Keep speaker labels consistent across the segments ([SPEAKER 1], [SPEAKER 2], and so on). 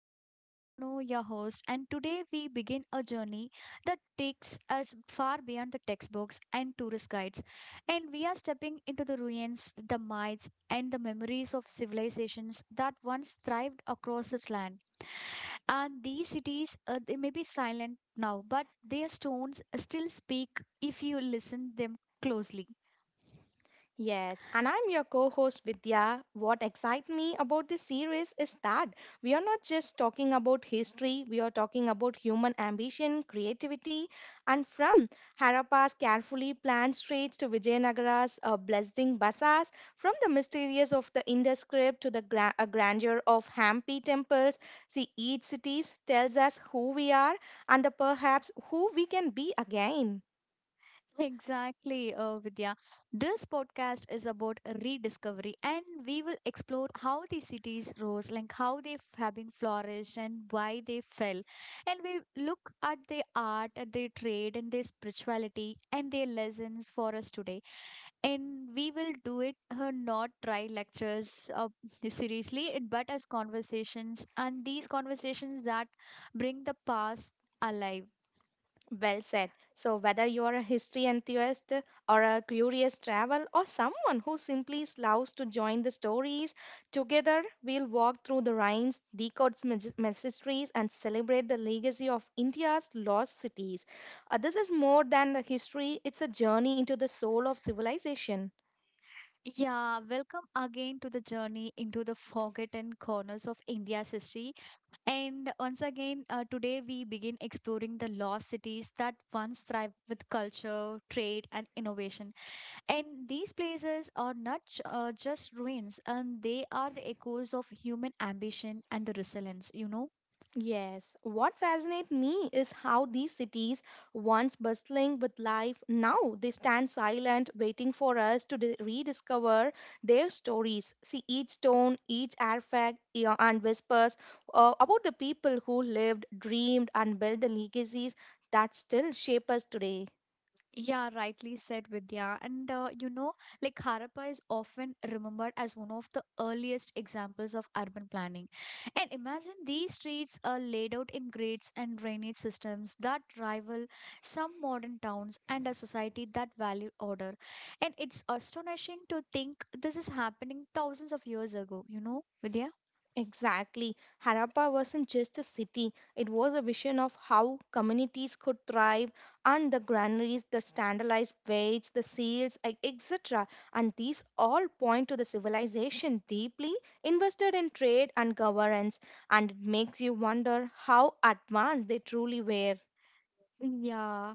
[SPEAKER 1] and I'm Danu, your host. And today we begin a journey that takes us far beyond the textbooks and tourist guides. And we are stepping into the ruins, the myths, and the memories of civilizations that once thrived across this land. And these cities, they may be silent now, but their stones still speak if you listen them closely.
[SPEAKER 2] Yes, and I'm your co host Vidya. What excites me about this series is that we are not just talking about history, we are talking about human ambition, creativity, and from Harappa's carefully planned streets to Vijayanagara's blessing bazaars, from the mysterious of the Indus script to the grandeur of Hampi temples. See, each city tells us who we are and the perhaps who we can be again.
[SPEAKER 1] Exactly, Vidya. This podcast is about rediscovery, and we will explore how the cities rose, like how they have been flourished and why they fell. And we look at their art, at their trade, and their spirituality, and their lessons for us today. And we will do it, not try lectures, seriously, but as conversations, and these conversations that bring the past alive.
[SPEAKER 2] Well said. So, whether you are a history enthusiast or a curious travel or someone who simply loves to join the stories, together we'll walk through the rhines, decode its mysteries, and celebrate the legacy of India's lost cities. This is more than the history, it's a journey into the soul of civilization.
[SPEAKER 1] Yeah, welcome again to the journey into the forgotten corners of India's history. And once again, today we begin exploring the lost cities that once thrived with culture, trade, and innovation. And these places are not just ruins, and they are the echoes of human ambition and the resilience,
[SPEAKER 2] Yes, what fascinates me is how these cities, once bustling with life, now they stand silent, waiting for us to rediscover their stories. See each stone, each artifact, and whispers about the people who lived, dreamed, and built the legacies that still shape us today.
[SPEAKER 1] Yeah, rightly said, Vidya. And you know, like Harappa is often remembered as one of the earliest examples of urban planning. And imagine these streets are laid out in grades and drainage systems that rival some modern towns and a society that valued order. And it's astonishing to think this is happening thousands of years ago, you know, Vidya?
[SPEAKER 2] Exactly. Harappa wasn't just a city, it was a vision of how communities could thrive and the granaries, the standardized weights, the seals, etc. And these all point to the civilization deeply invested in trade and governance. And it makes you wonder how advanced they truly were.
[SPEAKER 1] Yeah,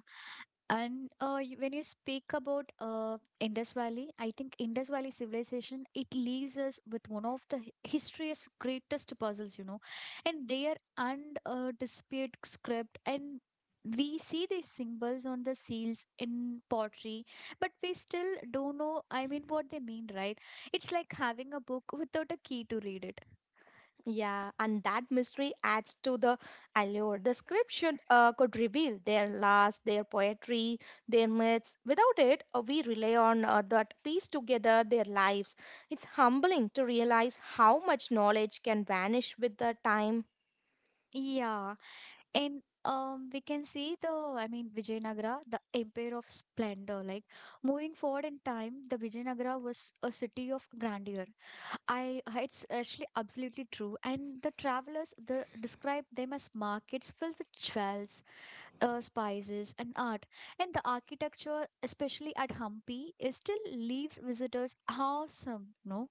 [SPEAKER 1] and when you speak about Indus Valley, I think Indus Valley civilization, it leaves us with one of the history's greatest puzzles, you know, and their undisputed script, and we see these symbols on the seals in pottery, but we still don't know. I mean, what they mean, right? It's like having a book without a key to read it.
[SPEAKER 2] Yeah, and that mystery adds to the allure. The script should could reveal their last, their poetry, their myths. Without it, we rely on that piece together their lives. It's humbling to realize how much knowledge can vanish with the time.
[SPEAKER 1] Yeah, and we can see the, I mean, Vijayanagara, the empire of splendor. Like, moving forward in time, the Vijayanagara was a city of grandeur. I It's actually absolutely true, and the travelers, the describe them as markets filled with jewels, spices, and art. And the architecture, especially at Hampi, is still leaves visitors awesome, no?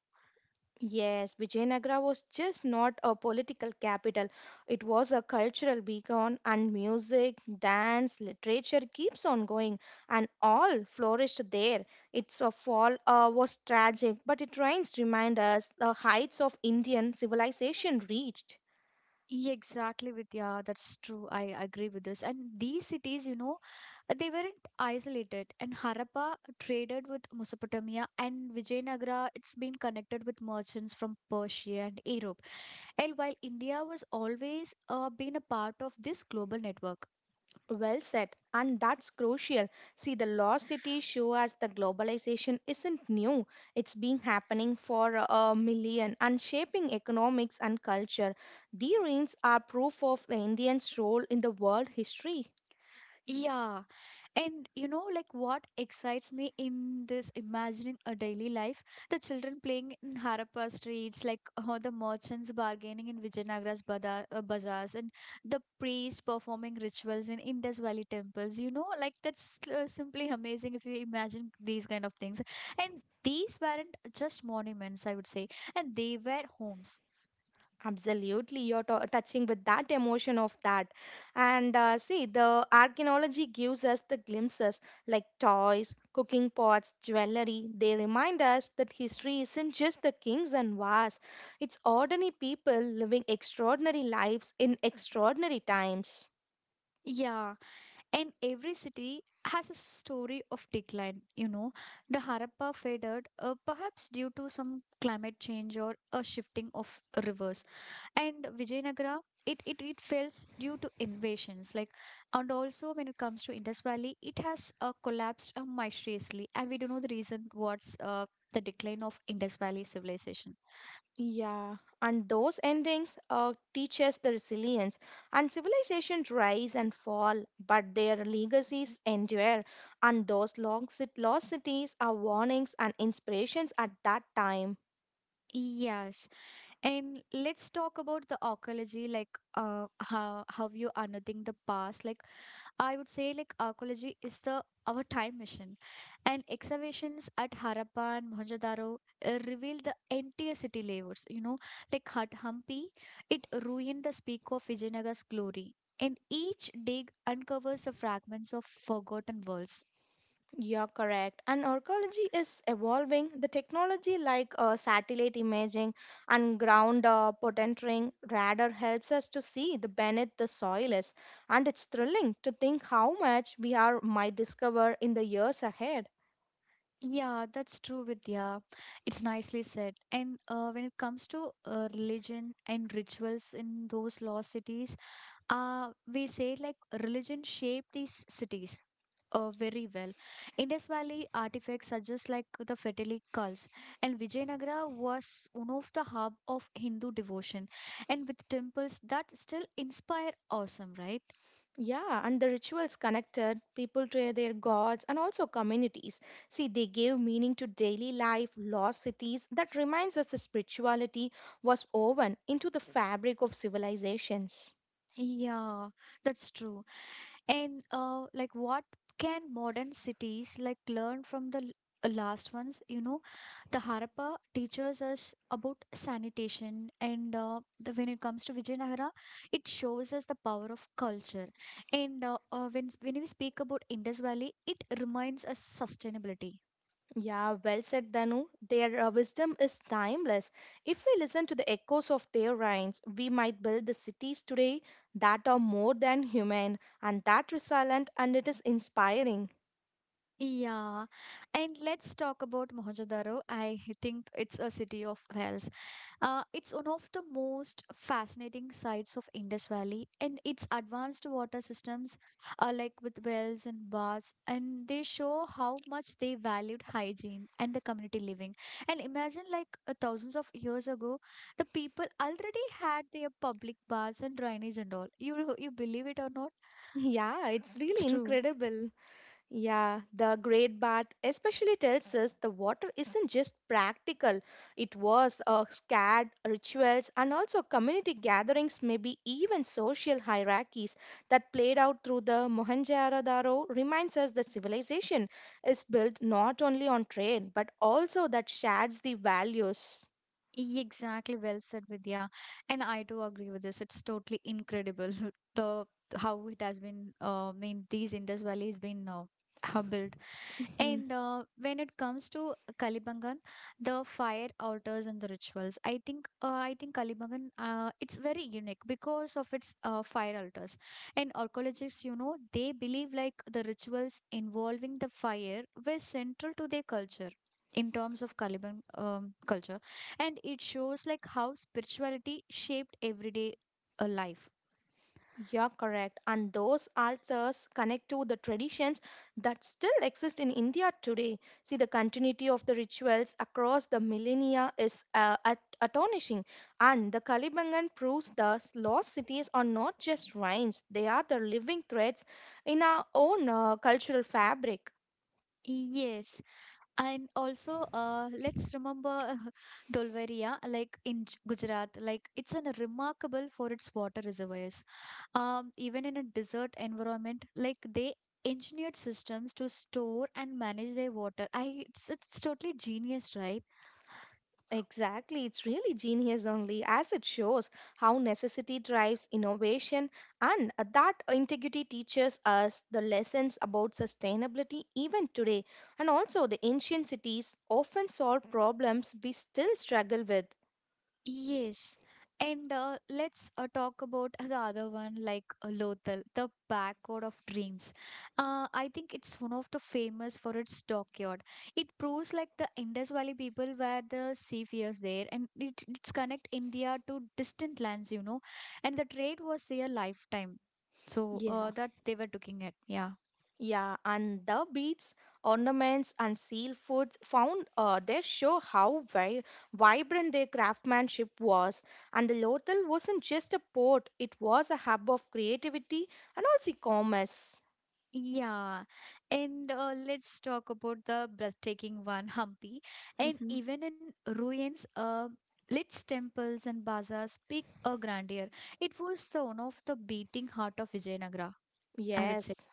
[SPEAKER 2] Yes, Vijayanagara was just not a political capital. It was a cultural beacon, and music, dance, literature keeps on going, and all flourished there. Its fall was tragic, but it remains remind us the heights of Indian civilization reached.
[SPEAKER 1] Yeah, exactly, Vidya. That's true. I agree with this. And these cities, you know, they weren't isolated. And Harappa traded with Mesopotamia, and Vijayanagara, it's been connected with merchants from Persia and Europe. And while India was always, been a part of this global network.
[SPEAKER 2] Well said, and that's crucial. See, the lost cities show us the globalization isn't new. It's been happening for a million and shaping economics and culture. The ruins are proof of the Indians' role in the world history.
[SPEAKER 1] Yeah, and you know, like what excites me in this imagining a daily life? The children playing in Harappa streets, like, the merchants bargaining in Vijayanagara's bazaars, and the priests performing rituals in Indus Valley temples. You know, like that's, simply amazing if you imagine these kind of things. And these weren't just monuments, I would say, and they were homes.
[SPEAKER 2] Absolutely, you're to touching with that emotion of that. And see, the archaeology gives us the glimpses like toys, cooking pots, jewelry. They remind us that history isn't just the kings and wars, it's ordinary people living extraordinary lives in extraordinary times.
[SPEAKER 1] Yeah, and every city has a story of decline. You know, the Harappa faded, perhaps due to some climate change or a shifting of rivers. And Vijayanagara, it fails due to invasions. Like, and also when it comes to Indus Valley, it has collapsed mysteriously. And we don't know the reason, what's the decline of Indus Valley civilization.
[SPEAKER 2] Yeah, and those endings teach us the resilience. And civilizations rise and fall, but their legacies endure. And those lost cities are warnings and inspirations at that time.
[SPEAKER 1] Yes, and let's talk about the archaeology, like, how you unearthing the past. Like, I would say like archaeology is the our time machine, and excavations at Harappa and Mohenjo-daro reveal the entire city layouts. You know, like Hat Hampi, it ruined the peak of Vijayanagara's glory, and each dig uncovers the fragments of forgotten worlds.
[SPEAKER 2] You're correct. And archaeology is evolving. The technology like satellite imaging and ground potentering radar helps us to see the beneath the soil is. And it's thrilling to think how much we are might discover in the years ahead.
[SPEAKER 1] Yeah, that's true, Vidya. It's nicely said. And when it comes to religion and rituals in those lost cities, we say like religion shaped these cities very well. Indus Valley artifacts suggest like the Fetali cults, and Vijayanagara was one of the hub of Hindu devotion, and with temples that still inspire awesome, right?
[SPEAKER 2] Yeah, and the rituals connected people to their gods and also communities. See, they gave meaning to daily life, lost cities that reminds us that spirituality was woven into the fabric of civilizations.
[SPEAKER 1] Yeah, that's true. And like what can modern cities like learn from the last ones? You know, the Harappa teaches us about sanitation, and the, when it comes to Vijayanagara, it shows us the power of culture. And when we speak about Indus Valley, it reminds us sustainability.
[SPEAKER 2] Yeah, well said, Danu. Their wisdom is timeless. If we listen to the echoes of their rhymes, we might build the cities today that are more than human and that resilient, and it is inspiring.
[SPEAKER 1] Yeah, and let's talk about Mohenjo-daro. I think it's a city of wells. It's one of the most fascinating sites of Indus Valley, and its advanced water systems are like with wells and baths, and they show how much they valued hygiene and the community living. And imagine, like, thousands of years ago, the people already had their public baths and drainage and all. You believe it or not?
[SPEAKER 2] Yeah, it's
[SPEAKER 1] It's
[SPEAKER 2] really
[SPEAKER 1] true.
[SPEAKER 2] incredible. Yeah, the Great Bath especially tells us the water isn't just practical, it was scared rituals and also community gatherings, maybe even social hierarchies that played out through the Mohenjo-daro reminds us that civilization is built not only on trade but also that shares the values.
[SPEAKER 1] Exactly, well said, Vidya. And I do agree with this. It's totally incredible the how it has been. I mean, these Indus Valley has been, how built.
[SPEAKER 2] Mhm.
[SPEAKER 1] And when it comes to Kalibangan, the fire altars and the rituals, I think Kalibangan, it's very unique because of its fire altars. And archaeologists, you know, they believe like the rituals involving the fire were central to their culture in terms of Kaliban culture, and it shows like how spirituality shaped everyday life.
[SPEAKER 2] You're correct. And those altars connect to the traditions that still exist in India today. See, the continuity of the rituals across the millennia is astonishing. And the Kalibangan proves the lost cities are not just ruins, they are the living threads in our own cultural fabric.
[SPEAKER 1] Yes, and also, let's remember Dolveria, like in Gujarat, like it's an remarkable for its water reservoirs. Even in a desert environment, like they engineered systems to store and manage their water. It's totally genius, right?
[SPEAKER 2] Exactly, it's really genius only as it shows how necessity drives innovation and that integrity teaches us the lessons about sustainability even today. And also, the ancient cities often solve problems we still struggle with.
[SPEAKER 1] Yes. And let's talk about the other one, like, Lothal, the backyard of dreams. I think it's one of the famous for its dockyard. It proves like the Indus Valley people were the seafarers there, and it's connect India to distant lands, you know, and the trade was their lifetime. So
[SPEAKER 2] Yeah.
[SPEAKER 1] that they were looking at, yeah.
[SPEAKER 2] Yeah, and the beads, ornaments, and seal foods found there show how vibrant their craftsmanship was. And the Lothal wasn't just a port, it was a hub of creativity and also commerce.
[SPEAKER 1] Yeah, and let's talk about the breathtaking one, Hampi. And
[SPEAKER 2] Mhm.
[SPEAKER 1] even in ruins, its temples and bazaars speak a grandeur. It was the one of the beating heart of Vijayanagara, I would say.
[SPEAKER 2] Yes,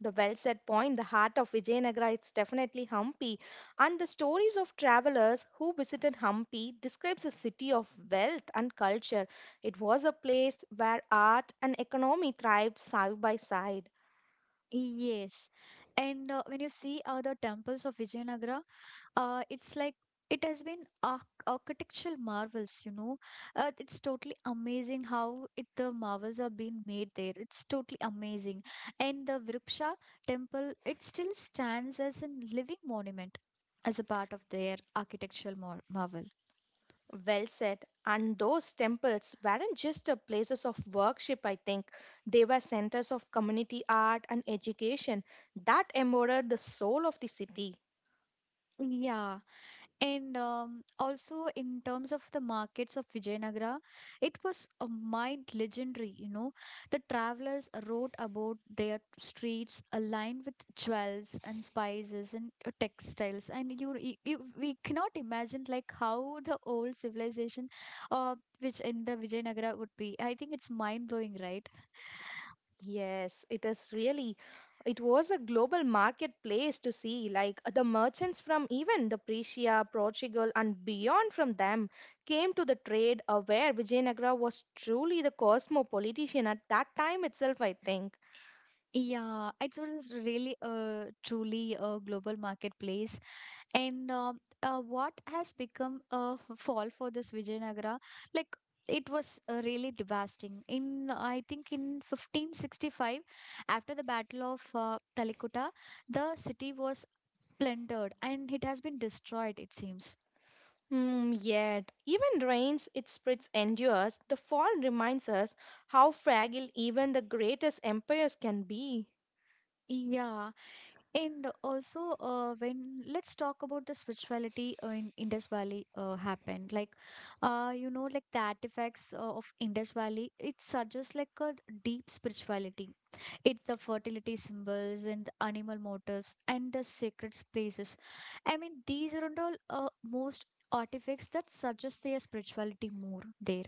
[SPEAKER 2] the well said point. The heart of Vijayanagara is definitely Hampi. And the stories of travelers who visited Hampi describes a city of wealth and culture. It was a place where art and economy thrived side by side.
[SPEAKER 1] Yes, and when you see the temples of Vijayanagara, it's like it has been architectural marvels, you know. It's totally amazing how it the marvels are being made there. It's totally amazing. And the Virupsha temple, it still stands as a living monument, as a part of their architectural marvel.
[SPEAKER 2] Well said. And those temples weren't just a places of worship, I think. They were centers of community art and education that embodied the soul of the city.
[SPEAKER 1] Yeah. And also, in terms of the markets of Vijayanagara, it was a mind legendary, you know. The travelers wrote about their streets aligned with jewels and spices and, textiles. And we cannot imagine like how the old civilization, which in the Vijayanagara would be. I think it's mind blowing, right?
[SPEAKER 2] Yes, it is really. It was a global marketplace to see, like the merchants from even the Prussia, Portugal, and beyond from them came to the trade, where Vijayanagara was truly the cosmopolitan at that time itself, I think.
[SPEAKER 1] Yeah, it was really a truly a global marketplace. And what has become a fall for this Vijayanagara? Like, it was, really devastating in, I think, in 1565, after the battle of Talikota, the city was plundered, and it has been destroyed, it seems.
[SPEAKER 2] Hmm, yet, even rains it spreads endures, the fall reminds us how fragile even the greatest empires can be.
[SPEAKER 1] Yeah, and also, when let's talk about the spirituality in Indus Valley happened. Like, you know, like the artifacts of Indus Valley, it suggests like a deep spirituality. It's the fertility symbols and the animal motifs and the sacred places. I mean, these are all most artifacts that suggest their spirituality more there.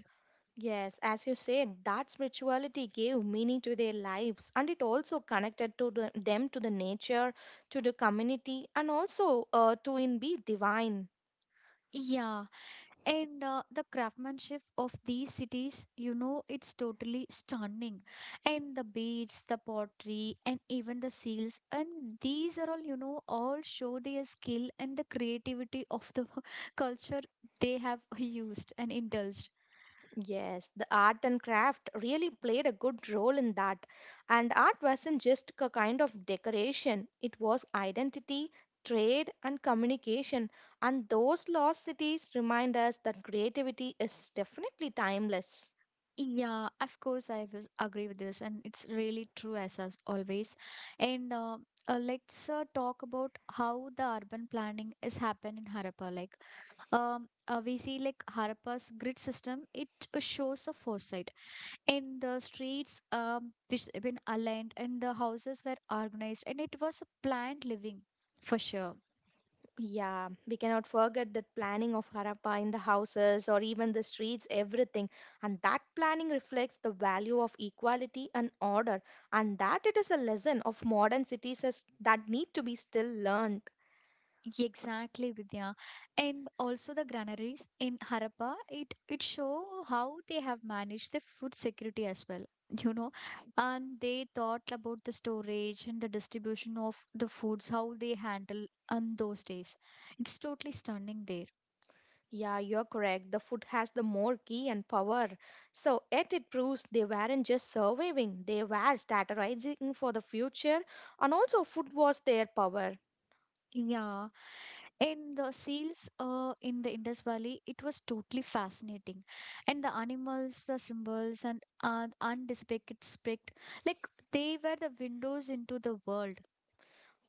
[SPEAKER 2] Yes, as you said, that spirituality gave meaning to their lives and it also connected to the, them to the nature, to the community, and also to in be divine.
[SPEAKER 1] Yeah, and the craftsmanship of these cities, you know, it's totally stunning. And the beads, the pottery, and even the seals, and these are all, you know, all show their skill and the creativity of the culture they have used and indulged.
[SPEAKER 2] Yes, the art and craft really played a good role in that. And art wasn't just a kind of decoration, it was identity, trade, and communication. And those lost cities remind us that creativity is definitely timeless.
[SPEAKER 1] Yeah, of course, I will agree with this, and it's really true as us always. And let's talk about how the urban planning is happened in Harappa. Like, we see like Harappa's grid system, it shows a foresight, and the streets which have been aligned, and the houses were organized, and it was a planned living for sure.
[SPEAKER 2] Yeah, we cannot forget that planning of Harappa in the houses or even the streets, everything. And that planning reflects the value of equality and order, and that it is a lesson of modern cities is, that need to be still learned.
[SPEAKER 1] Exactly, Vidya. And also the granaries in Harappa, it show how they have managed the food security as well. You know, and they thought about the storage and the distribution of the foods, how they handle on those days. It's totally stunning there.
[SPEAKER 2] Yeah, you're correct. The food has the more key and power. So, yet it proves they weren't just surviving, they were strategizing for the future, and also food was their power.
[SPEAKER 1] Yeah, and the seals in the Indus Valley, it was totally fascinating. And the animals, the symbols, and, undispected, like they were the windows into the world.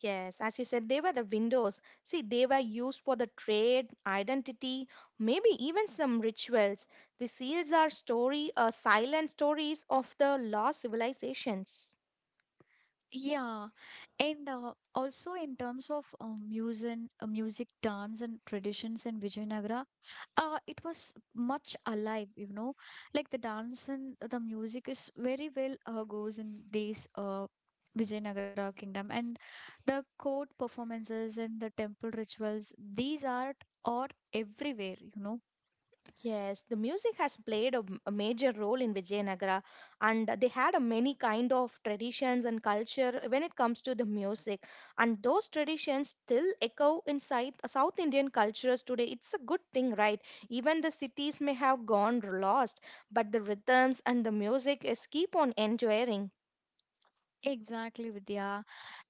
[SPEAKER 2] Yes, as you said, they were the windows. See, they were used for the trade, identity, maybe even some rituals. The seals are story, silent stories of the lost civilizations.
[SPEAKER 1] Yeah, and also in terms of music, dance, and traditions in Vijayanagara, it was much alive. You know, like the dance and the music is very well goes in this, Vijayanagara kingdom, and the court performances and the temple rituals. These are everywhere, you know.
[SPEAKER 2] Yes, the music has played a, a major role in Vijayanagara, and they had a many kind of traditions and culture when it comes to the music, and those traditions still echo inside the South Indian cultures today. It's a good thing, right? Even the cities may have gone lost, but the rhythms and the music is keep on enduring.
[SPEAKER 1] Exactly, Vidya.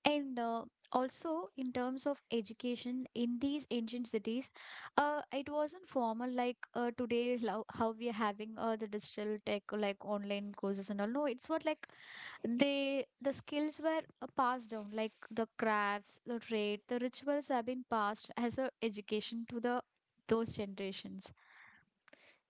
[SPEAKER 1] And also, in terms of education in these ancient cities, it wasn't formal like today, how we are having the digital tech, like online courses and all. No, it's what like the skills were passed down, like the crafts, the trade, the rituals have been passed as a education to the those generations.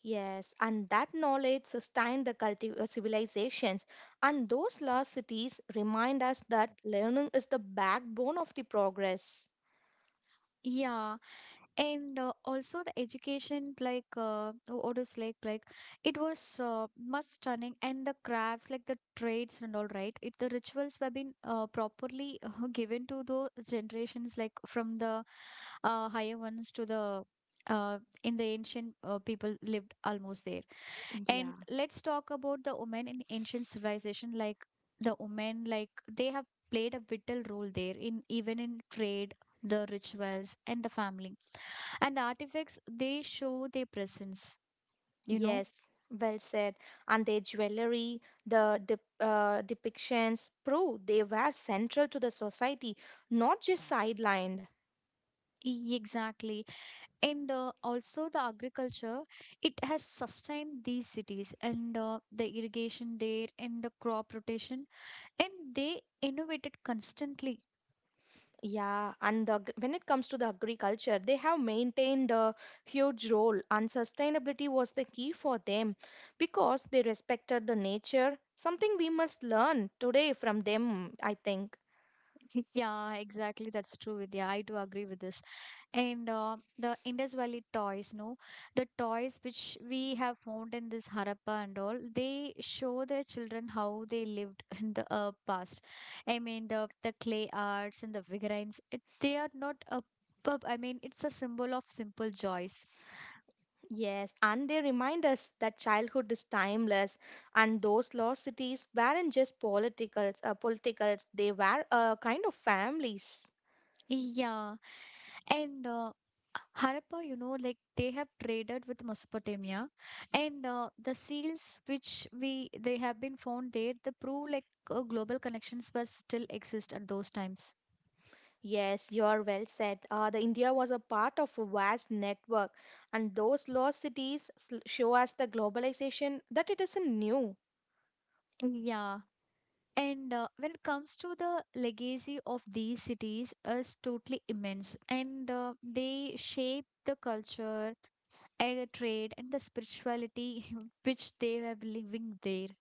[SPEAKER 2] Yes, and that knowledge sustained the civilizations, and those lost cities remind us that learning is the backbone of the progress.
[SPEAKER 1] Yeah, and also the education like what is like it was much stunning and the crafts like the trades and all right it the rituals were been properly given to the generations like from the higher ones to the uh, in the ancient people lived almost there. And
[SPEAKER 2] Yeah,
[SPEAKER 1] let's talk about the women in ancient civilization, like the women like they have played a vital role there, in even in trade, the rituals, and the family, and artifacts they show their presence you know
[SPEAKER 2] yes, well said. And their jewelry, the depictions prove they were central to the society, not just sidelined.
[SPEAKER 1] E- exactly. And also the agriculture, it has sustained these cities, and the irrigation there and the crop rotation, and they innovated constantly.
[SPEAKER 2] Yeah, and the, when it comes to the agriculture, they have maintained a huge role, and sustainability was the key for them because they respected the nature, something we must learn today from them, I think.
[SPEAKER 1] Yeah, exactly. That's true, Vidya. I do agree with this. And the Indus Valley toys, no, the toys which we have found in this Harappa and all, they show their children how they lived in the past. I mean, the clay arts and the figurines, it, they are not a. pub- I mean, it's a symbol of simple joys.
[SPEAKER 2] Yes, and they remind us that childhood is timeless, and those lost cities weren't just politicals, politicals. They were a kind of families.
[SPEAKER 1] Yeah. And Harappa, you know, like they have traded with Mesopotamia, and the seals which we they have been found there, they prove like global connections were still exist at those times.
[SPEAKER 2] Yes, you're well said. The India was a part of a vast network, and those lost cities show us the globalization that it isn't new.
[SPEAKER 1] Yeah. And when it comes to the legacy of these cities is totally immense, and they shape the culture, air trade, and the spirituality which they were living there.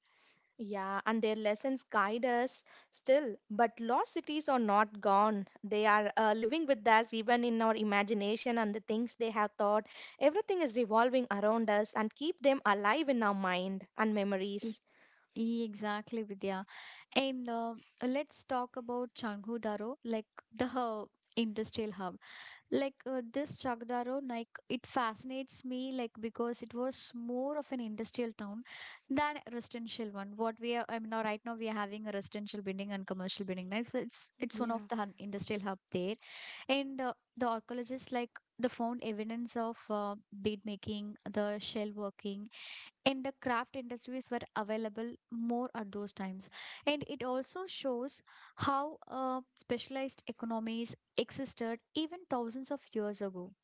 [SPEAKER 2] Yeah, and their lessons guide us still. But lost cities are not gone. They are living with us even in our imagination and the things they have thought. Everything is revolving around us and keep them alive in our mind and memories.
[SPEAKER 1] Exactly, Vidya. And let's talk about Changhudaro, like the industrial hub. Like this Changhudaro, like it fascinates me, like because it was more of an industrial town than a residential one. What we are, I mean, now right now we are having a residential building and commercial building. Like so it's one of
[SPEAKER 2] Yeah.
[SPEAKER 1] the hun- industrial hub there, and the archaeologists like. They found evidence of bead making, the shell working, in the craft industries were available more at those times, and it also shows how specialized economies existed even thousands of years ago.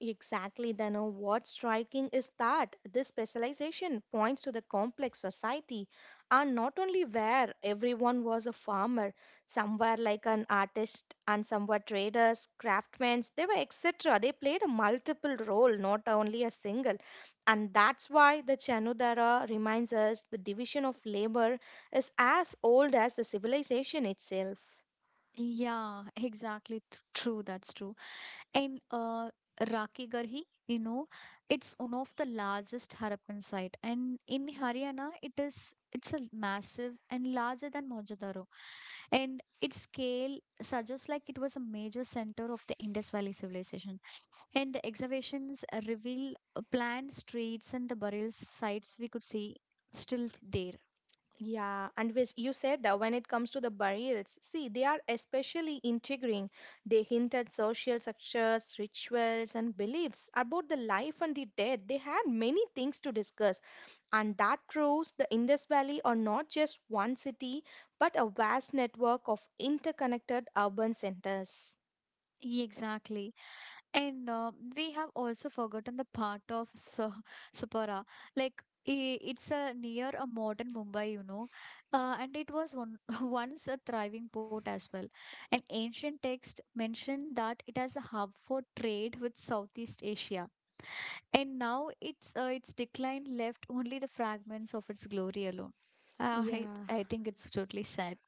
[SPEAKER 2] Exactly, Dano. What's striking is that this specialization points to the complex society, and not only where everyone was a farmer, somewhere like an artist and somewhere traders, craftsmen, they were etc. They played a multiple role, not only a single. And that's why the Chanudara reminds us the division of labor is as old as the civilization itself.
[SPEAKER 1] Yeah, exactly, th- true, that's true. And Raki Garhi, you know, it's one of the largest Harappan site, and in Haryana, it is it's a massive and larger than Mohenjo-daro, and its scale suggests like it was a major center of the Indus Valley civilization. And the excavations reveal planned streets and the burial sites we could see still there.
[SPEAKER 2] Yeah, and which you said that when it comes to the burials, see, they are especially intriguing. They hint at social structures, rituals, and beliefs about the life and the death. They had many things to discuss, and that proves the Indus Valley are not just one city, but a vast network of interconnected urban centers.
[SPEAKER 1] Exactly. And we have also forgotten the part of Sa- Sapara. Like, I- it's a near a modern Mumbai, you know, and it was one, once a thriving port as well. An ancient text mentioned that it has a hub for trade with Southeast Asia, and now its decline left only the fragments of its glory alone. Uh, I
[SPEAKER 2] Yeah.
[SPEAKER 1] I think it's totally sad.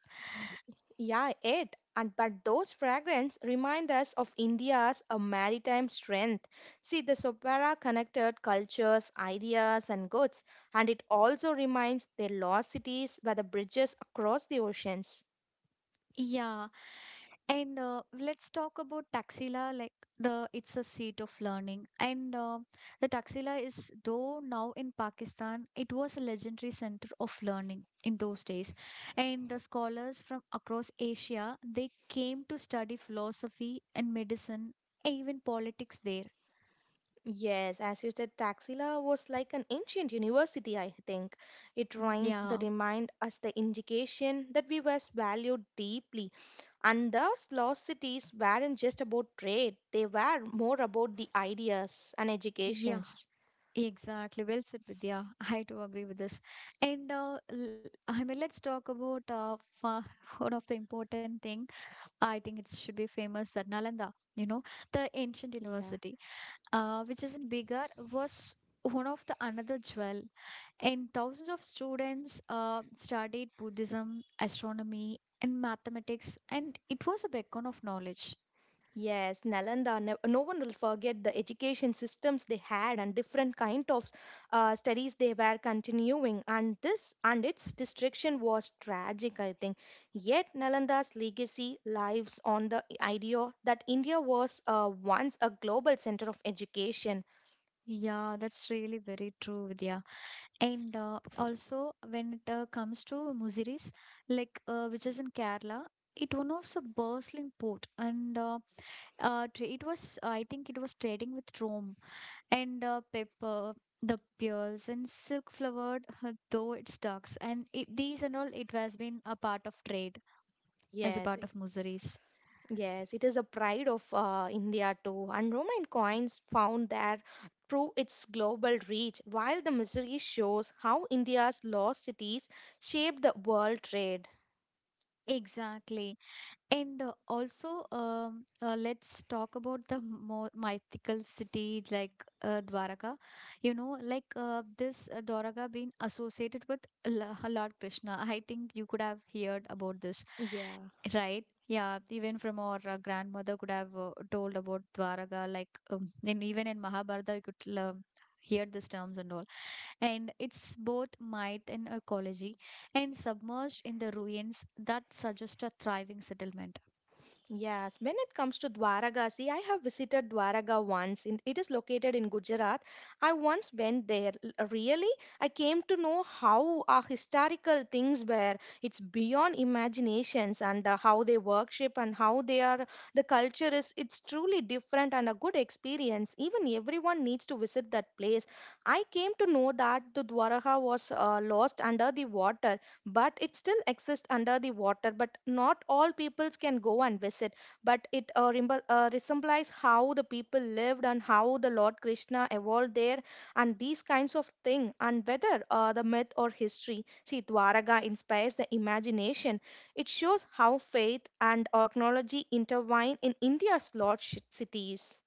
[SPEAKER 2] Yeah, it. And but those fragrances remind us of India's a maritime strength. See, the Sopara connected cultures, ideas, and goods, and it also reminds their lost cities by the bridges across the oceans.
[SPEAKER 1] Yeah. And let's talk about Taxila, like the it's a seat of learning. And the Taxila is, though now in Pakistan, it was a legendary center of learning in those days. And the scholars from across Asia, they came to study philosophy and medicine, and even politics there.
[SPEAKER 2] Yes, as you said, Taxila was like an ancient university, I think. It reminds the
[SPEAKER 1] Yeah,
[SPEAKER 2] remind us the indication that we was valued deeply. And those lost cities weren't just about trade, they were more about the ideas and
[SPEAKER 1] yeah,
[SPEAKER 2] educations.
[SPEAKER 1] exactly. Well said, Vidya. I do agree with this. And I mean, let's talk about fa- one of the important thing, I think it should be famous at Nalanda, you know, the ancient
[SPEAKER 2] Yeah.
[SPEAKER 1] university, which is in Bigar, was one of the another jewel. And thousands of students studied Buddhism, astronomy, and mathematics, and it was a beacon of knowledge.
[SPEAKER 2] Yes, Nalanda, no, no one will forget the education systems they had and different kind of studies they were continuing. And this and its destruction was tragic, I think. Yet Nalanda's legacy lives on the idea that India was once a global center of education.
[SPEAKER 1] Yeah, that's really very true, Vidya. And also, when it comes to Muziris, like which is in Kerala, it was a bustling port, and tra- it was, I think it was trading with Rome, and the pepper, the pearls and silk flowered though it stocks and it, these and all it has been a part of trade as a
[SPEAKER 2] Yes,
[SPEAKER 1] part of miseries.
[SPEAKER 2] Yes, it is a pride of India too, and Roman coins found there prove its global reach, while the mystery shows how India's lost cities shaped the world trade.
[SPEAKER 1] Exactly. And also, let's talk about the more mythical city like Dwaraka. You know, like this Dwaraka being associated with L- Lord Krishna. I think you could have heard about this,
[SPEAKER 2] Yeah.
[SPEAKER 1] right? Yeah, even from our grandmother could have told about Dwaraka. Like, and even in Mahabharata, you could hear these terms and all. And it's both might and ecology and submerged in the ruins that suggest a thriving settlement.
[SPEAKER 2] Yes, when it comes to Dwaragasi, I have visited Dwaraga once. In, it is located in Gujarat. I once went there. Really, I came to know how historical things were. It's beyond imaginations and how they worship and how they are. The culture is. It's truly different and a good experience. Even everyone needs to visit that place. I came to know that the Dwaraga was lost under the water, but it still exists under the water, but not all peoples can go and visit, but it resembles how the people lived and how the Lord Krishna evolved there and these kinds of thing, and whether the myth or history, see Dwaraga inspires the imagination. It shows how faith and archaeology intertwine in India's large cities.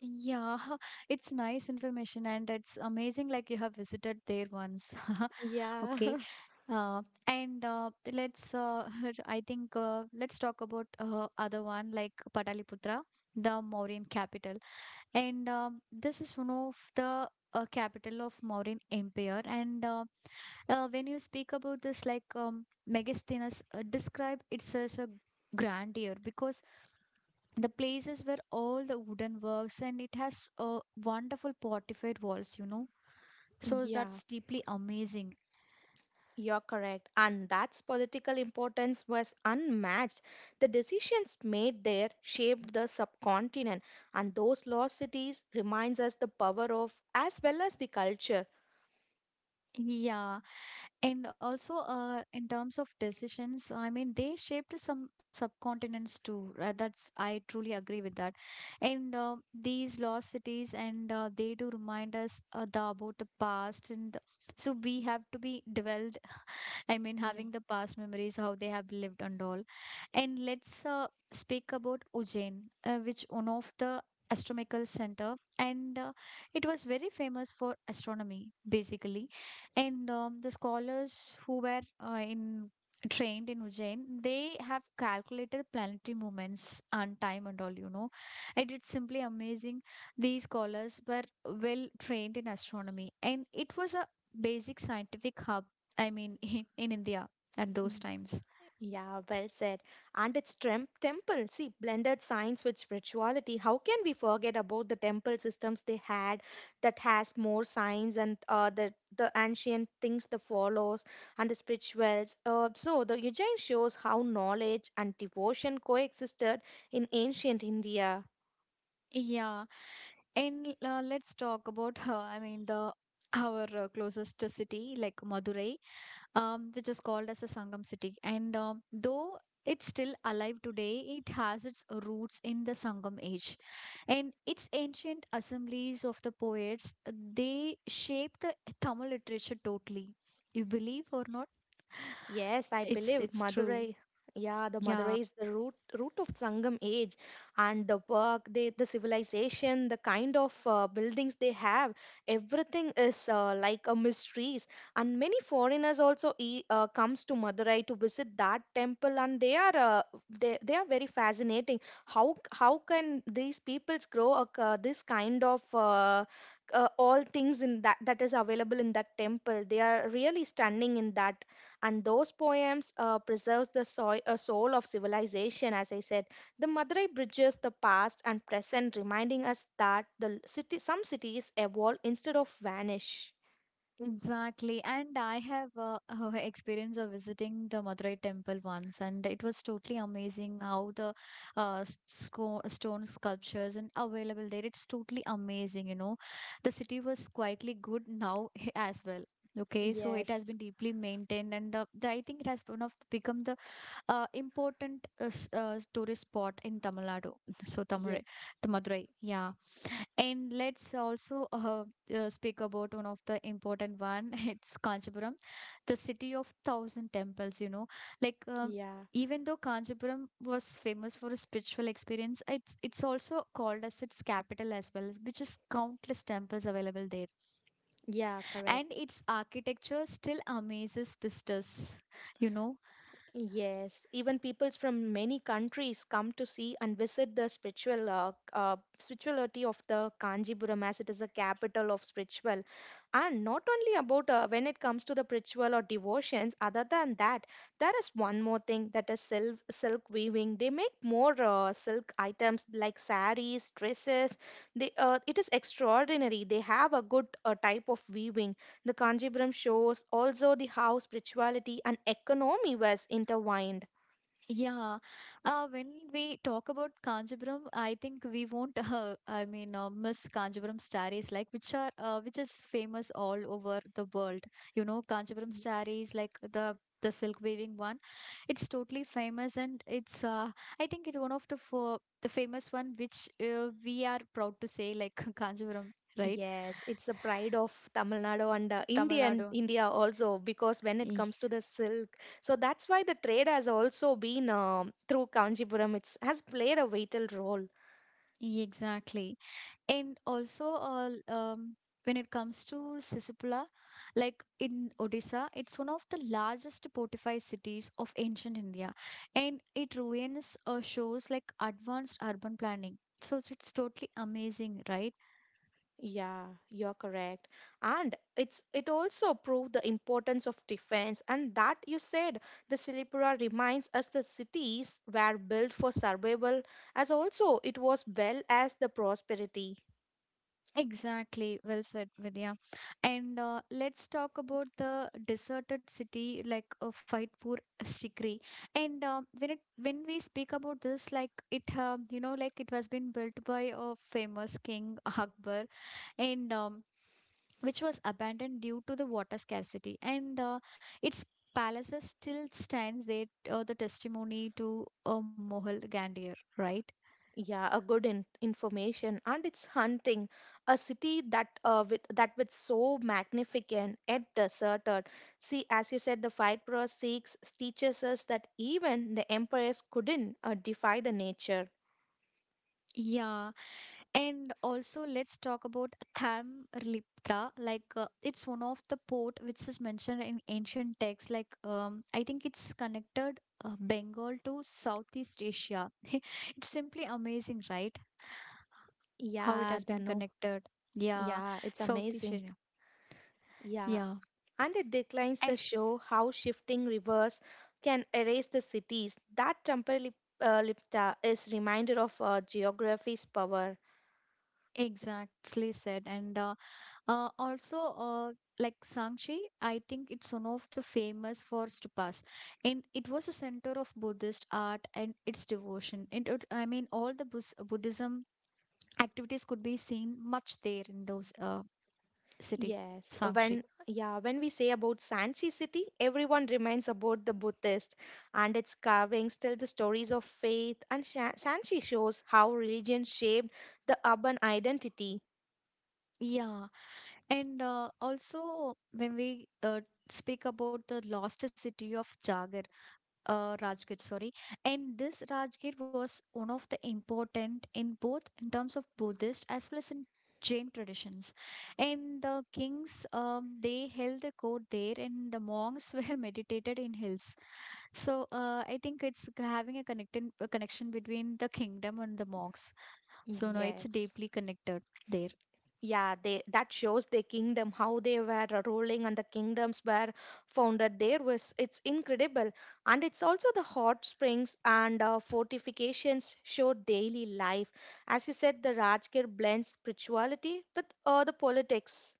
[SPEAKER 1] Yeah, it's nice information and it's amazing like you have visited there once.
[SPEAKER 2] Yeah.
[SPEAKER 1] Okay. And let's I think let's talk about other one like Pataliputra, the Mauryan capital, and this is one of the capital of Mauryan Empire. And when you speak about this, like Megasthenes described it as a grandeur because the places where all the wooden works and it has wonderful fortified walls, you know. So
[SPEAKER 2] Yeah.
[SPEAKER 1] that's deeply amazing.
[SPEAKER 2] You're correct. And that's political importance was unmatched. The decisions made there shaped the subcontinent, and those lost cities reminds us the power of as well as the culture.
[SPEAKER 1] Yeah. And also, in terms of decisions, I mean, they shaped some subcontinents too. That's I truly agree with that. And these lost cities, and they do remind us the, about the past, and so we have to be dwelled, I mean,
[SPEAKER 2] Yeah.
[SPEAKER 1] having the past memories, how they have lived and all. And let's speak about Ujjain, which one of the astronomical center, and it was very famous for astronomy basically. And the scholars who were in trained in Ujjain, they have calculated planetary movements and time and all, you know. And it's simply amazing, these scholars were well trained in astronomy, and it was a basic scientific hub, I mean, in India at those times.
[SPEAKER 2] Yeah, well said. And its temple, see, blended science with spirituality. How can we forget about the temple systems they had that has more science and the ancient things that follows and the spirituals. So the Ujjain shows how knowledge and devotion coexisted in ancient India.
[SPEAKER 1] Yeah, and let's talk about her. I mean, the our closest city, like Madurai, which is called as a Sangam city. And though it's still alive today, it has its roots in the Sangam age. And its ancient assemblies of the poets, they shaped the Tamil literature totally. You believe or not?
[SPEAKER 2] Yes, I
[SPEAKER 1] It's
[SPEAKER 2] believe
[SPEAKER 1] it's true.
[SPEAKER 2] Madurai. Yeah, the
[SPEAKER 1] Yeah.
[SPEAKER 2] Madurai is the root of Sangam age, and the work, they, the civilization, the kind of buildings they have, everything is like a mysteries. And many foreigners also e comes to Madurai to visit that temple, and they are very fascinating. How can these peoples grow this kind of all things in that that is available in that temple. They are really stunning in that, and those poems preserves the soil, soul of civilization. As I said, the Madurai bridges the past and present, reminding us that the city some cities evolve instead of vanish.
[SPEAKER 1] Exactly. And I have experience of visiting the Madurai temple once, and it was totally amazing how the s- sco- stone sculptures and available there. It's totally amazing, you know. The city was quietly good now as well. Okay, so it has
[SPEAKER 2] Yes.
[SPEAKER 1] been deeply maintained, and the, I think it has one of become the important s- tourist spot in Tamil Nadu. So Tamil,
[SPEAKER 2] Yeah.
[SPEAKER 1] Madurai, yeah. And let's also speak about one of the important one. It's Kanchipuram, the city of thousand temples. You know, like.
[SPEAKER 2] Yeah.
[SPEAKER 1] Even though Kanchipuram was famous for a spiritual experience, it's also called as its capital as well, which is countless temples available there.
[SPEAKER 2] Yeah, correct.
[SPEAKER 1] And its architecture still amazes visitors, you know.
[SPEAKER 2] Yes, even peoples from many countries come to see and visit the spiritual spirituality of the Kanjipuram as it is a capital of spiritual. And not only about when it comes to the spiritual or devotions, other than that, there is one more thing that is silk, silk weaving. They make more silk items like saris, dresses. They, it is extraordinary. They have a good type of weaving. The Kanjipuram shows also the how spirituality and economy was intertwined.
[SPEAKER 1] Yeah, when we talk about Kanjipuram, I think we won't. I mean, miss Kanjipuram sarees, like which are which is famous all over the world. You know, Kanjipuram
[SPEAKER 2] Yes.
[SPEAKER 1] sarees, like the silk weaving one, it's totally famous, and it's. I think it's one of the four, the famous one which we are proud to say, like Kanjipuram, right?
[SPEAKER 2] Yes, it's the pride of Tamil Nadu and
[SPEAKER 1] Tamil
[SPEAKER 2] Indian
[SPEAKER 1] Nadu.
[SPEAKER 2] India also, because when it
[SPEAKER 1] E-
[SPEAKER 2] comes to the silk, so that's why the trade has also been through Kanjipuram. It's has played a vital role.
[SPEAKER 1] Exactly. And also, when it comes to Sisipula, like in Odisha, it's one of the largest fortified cities of ancient India, and it ruins shows like advanced urban planning. So it's totally amazing, right?
[SPEAKER 2] Yeah, you're correct. And it's it also proved the importance of defense and that you said the Silipura reminds us the cities were built for survival as also it was well as the prosperity.
[SPEAKER 1] Exactly, well said, Vidya. And let's talk about the deserted city like Faidpur Sikri. And when it when we speak about this, like it, you know, like it was been built by a famous king Akbar, and which was abandoned due to the water scarcity. And its palaces still stands there, the testimony to Mohal Gandir, right?
[SPEAKER 2] Yeah, a good information, and it's hunting a city that with that with so magnificent yet deserted. See, as you said, the fight pro six teaches us that even the emperors couldn't defy the nature.
[SPEAKER 1] Yeah. And also, let's talk about Tamriliprta. Like, it's one of the port which is mentioned in ancient texts. Like, I think it's connected Bengal to Southeast Asia. It's simply amazing, right? How it
[SPEAKER 2] Yeah,
[SPEAKER 1] has been
[SPEAKER 2] Danu.
[SPEAKER 1] connected. Yeah,
[SPEAKER 2] Yeah, it's
[SPEAKER 1] Southeast
[SPEAKER 2] amazing.
[SPEAKER 1] Asia.
[SPEAKER 2] Yeah.
[SPEAKER 1] Yeah,
[SPEAKER 2] And it declines the
[SPEAKER 1] eh,
[SPEAKER 2] show how shifting rivers can erase the cities. That temporary lipta is reminder of geography's power.
[SPEAKER 1] exactly said. And also, like Sangshi, I think it's one of the famous for stupas, and it was a center of Buddhist art and its devotion. It, would- I mean, all the Bus- Buddhism activities could be seen much there in those city,
[SPEAKER 2] Yes,
[SPEAKER 1] Sangshi.
[SPEAKER 2] when yeah, when we say about Sanchi city, everyone remains about the Buddhist, and its carvings tell the stories of faith, and Sanchi shows how religion shaped the urban identity.
[SPEAKER 1] Yeah, and also when we speak about the lost city of Jagat. Uh, Rajgir, sorry. And this Rajgir was one of the important in both in terms of Buddhist as well as in Jain traditions. And the kings, they held the court there, and the monks were meditated in hills. So I think having a connection between the kingdom and the monks. So no, it's
[SPEAKER 2] Yes.
[SPEAKER 1] deeply connected there.
[SPEAKER 2] Yeah, they that shows their kingdom, how they were ruling and the kingdoms were founded there was it's incredible. And it's also the hot springs and fortifications show daily life. As you said, the Rajgir blends spirituality with the politics.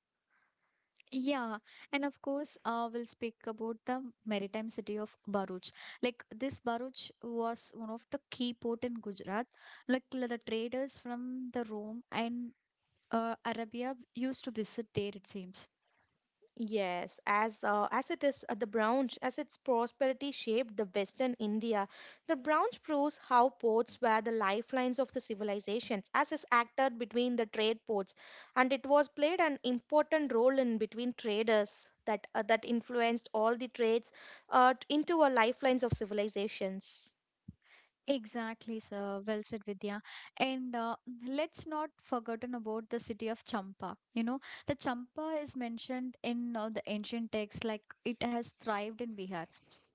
[SPEAKER 1] Yeah, and of course, we'll speak about the maritime city of Bharuch. Like this Bharuch was one of the key port in Gujarat. Like the traders from the Rome and Arabia used to visit there, it seems.
[SPEAKER 2] Yes, as it is the Browns, as its prosperity shaped the Western India, the Browns proves how ports were the lifelines of the civilizations, as is acted between the trade ports, and it was played an important role in between traders that that influenced all the trades into a lifelines of civilizations.
[SPEAKER 1] Exactly, sir. Well said, Vidya. And let's not forgotten about the city of Champa. You know, the Champa is mentioned in the ancient texts, like it has thrived in Bihar,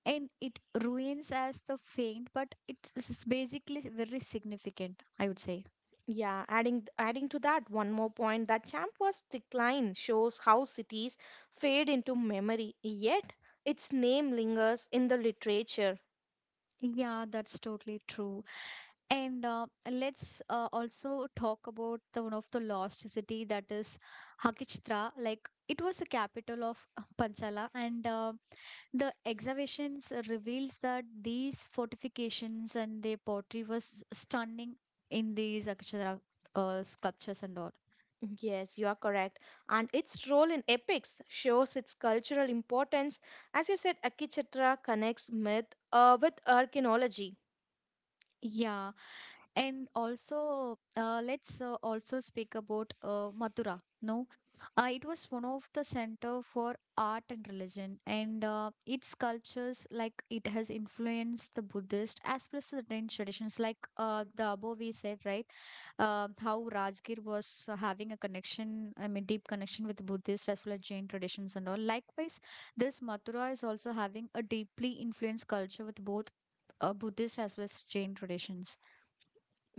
[SPEAKER 1] and it ruins as the faint, but it's basically very significant, I would say.
[SPEAKER 2] Yeah, adding to that one more point that Champers decline shows how cities fade into memory, yet its name lingers in the literature.
[SPEAKER 1] Yeah, that's totally true. And let's also talk about the one of the lost city that is Hakchitra. Like it was the capital of Panchala, and the excavations reveals that these fortifications and their pottery was stunning in these Akshara sculptures and all.
[SPEAKER 2] Yes, you are correct. And its role in epics shows its cultural importance. As you said, Akichitra connects myth with archaeology.
[SPEAKER 1] Yeah, and also let's also speak about Mathura. No, it was one of the center for art and religion, and its sculptures like it has influenced the Buddhist as well as the Indian traditions, like the above we said, right? How Rajgir was having a connection, I mean, deep connection with Buddhist as well as Jain traditions and all. Likewise, this Mathura is also having a deeply influenced culture with both Buddhist as well as Jain traditions.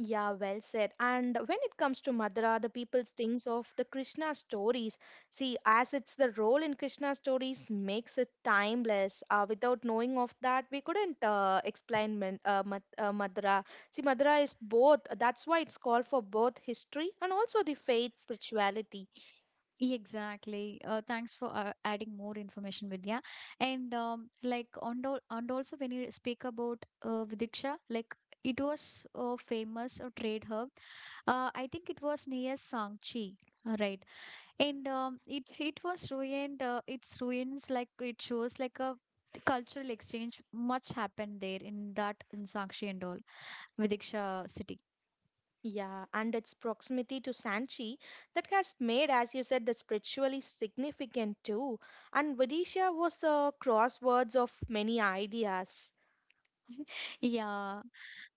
[SPEAKER 2] Yeah, well said. And when it comes to Madra, the people thinks of the Krishna stories. See, as it's the role in Krishna stories makes it timeless. Without knowing of that, we couldn't explain Madra. See, Madra is both. That's why it's called for both history and also the faith spirituality.
[SPEAKER 1] Exactly. Thanks for adding more information, Vidya. And like, and, al- and also when you speak about Vidiksha, like, it was a famous trade hub. I think it was near Sangchi, right? And it was ruined its ruins like it shows like a cultural exchange much happened there in that in Sakshi and all Vidiksha city.
[SPEAKER 2] Yeah, and its proximity to Sanchi that has made, as you said, the spiritually significant too. And Vidisha was a crosswords of many ideas.
[SPEAKER 1] Yeah,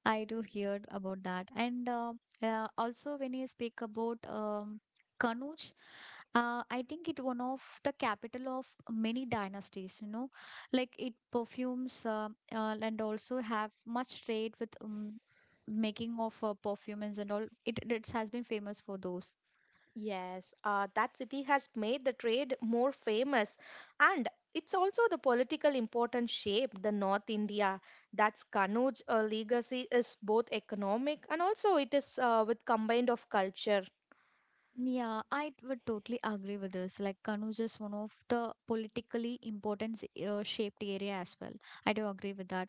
[SPEAKER 1] I do hear about that. And also, when you speak about Kanuj, I think it one of the capital of many dynasties, you know, like it perfumes and also have much trade with making of perfumes and all. It has been famous for those.
[SPEAKER 2] Yes, that city has made the trade more famous, and it's also the political importance shaped the North India. That's Kanuj legacy is both economic and also it is with combined of culture.
[SPEAKER 1] Yeah, I would totally agree with this. Like Kanu is one of the politically important shaped area as well. I do agree with that.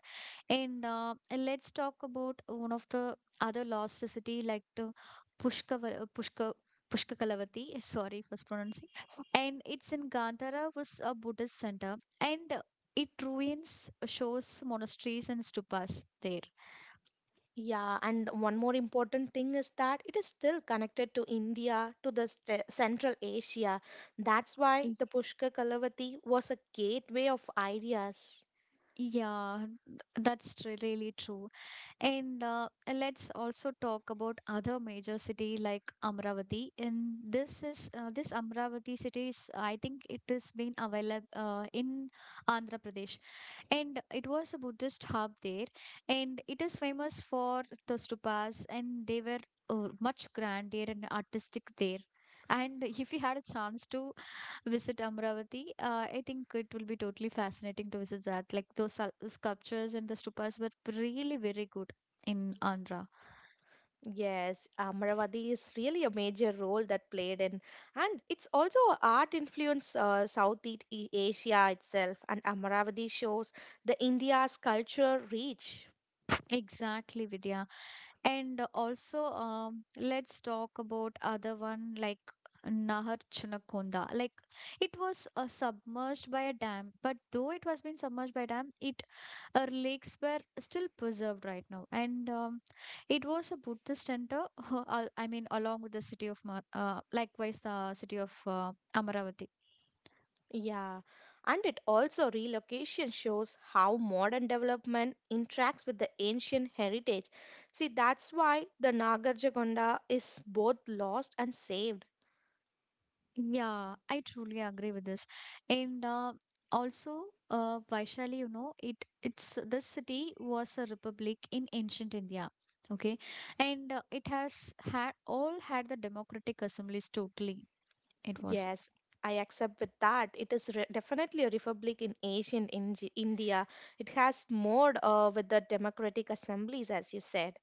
[SPEAKER 1] And let's talk about one of the other lost city like the Pushka Pushka Pushkakalavati. Sorry for pronouncing. And it's in Gandhara was a Buddhist center, and it ruins shows monasteries and stupas there.
[SPEAKER 2] Yeah, and one more important thing is that it is still connected to India, to the Central Asia. That's why
[SPEAKER 1] Y-
[SPEAKER 2] the Pushkar Kalavati was a gateway of ideas.
[SPEAKER 1] Yeah, that's really true. And let's also talk about other major city like Amravati. And this Amravati city is I think it has been available in Andhra Pradesh, and it was a Buddhist hub there, and it is famous for the stupas, and they were much grander and artistic there. And if you had a chance to visit Amravati, I think it will be totally fascinating to visit that. Like those sculptures and the stupas were really very good in Andhra.
[SPEAKER 2] Yes, Amravati is really a major role that played in, and it's also a art influence Southeast Asia itself. And Amravati shows the India's culture reach.
[SPEAKER 1] Exactly, Vidya. And also, let's talk about other one like Nahar Chunakonda. Like it was submerged by a dam, but though it was been submerged by a dam, it lakes were still preserved right now. And it was a Buddhist center. I mean, along with the city of likewise the city of Amaravati.
[SPEAKER 2] Yeah, and it also relocation shows how modern development interacts with the ancient heritage. See, that's why the Nagarjakonda is both lost and saved.
[SPEAKER 1] Yeah, I truly agree with this. And also, Vaishali, you know, it's this city was a republic in ancient India. Okay, and it has had the democratic assemblies totally, it was.
[SPEAKER 2] Yes, I accept with that. It is definitely a republic in ancient India. It has more with the democratic assemblies, as you said.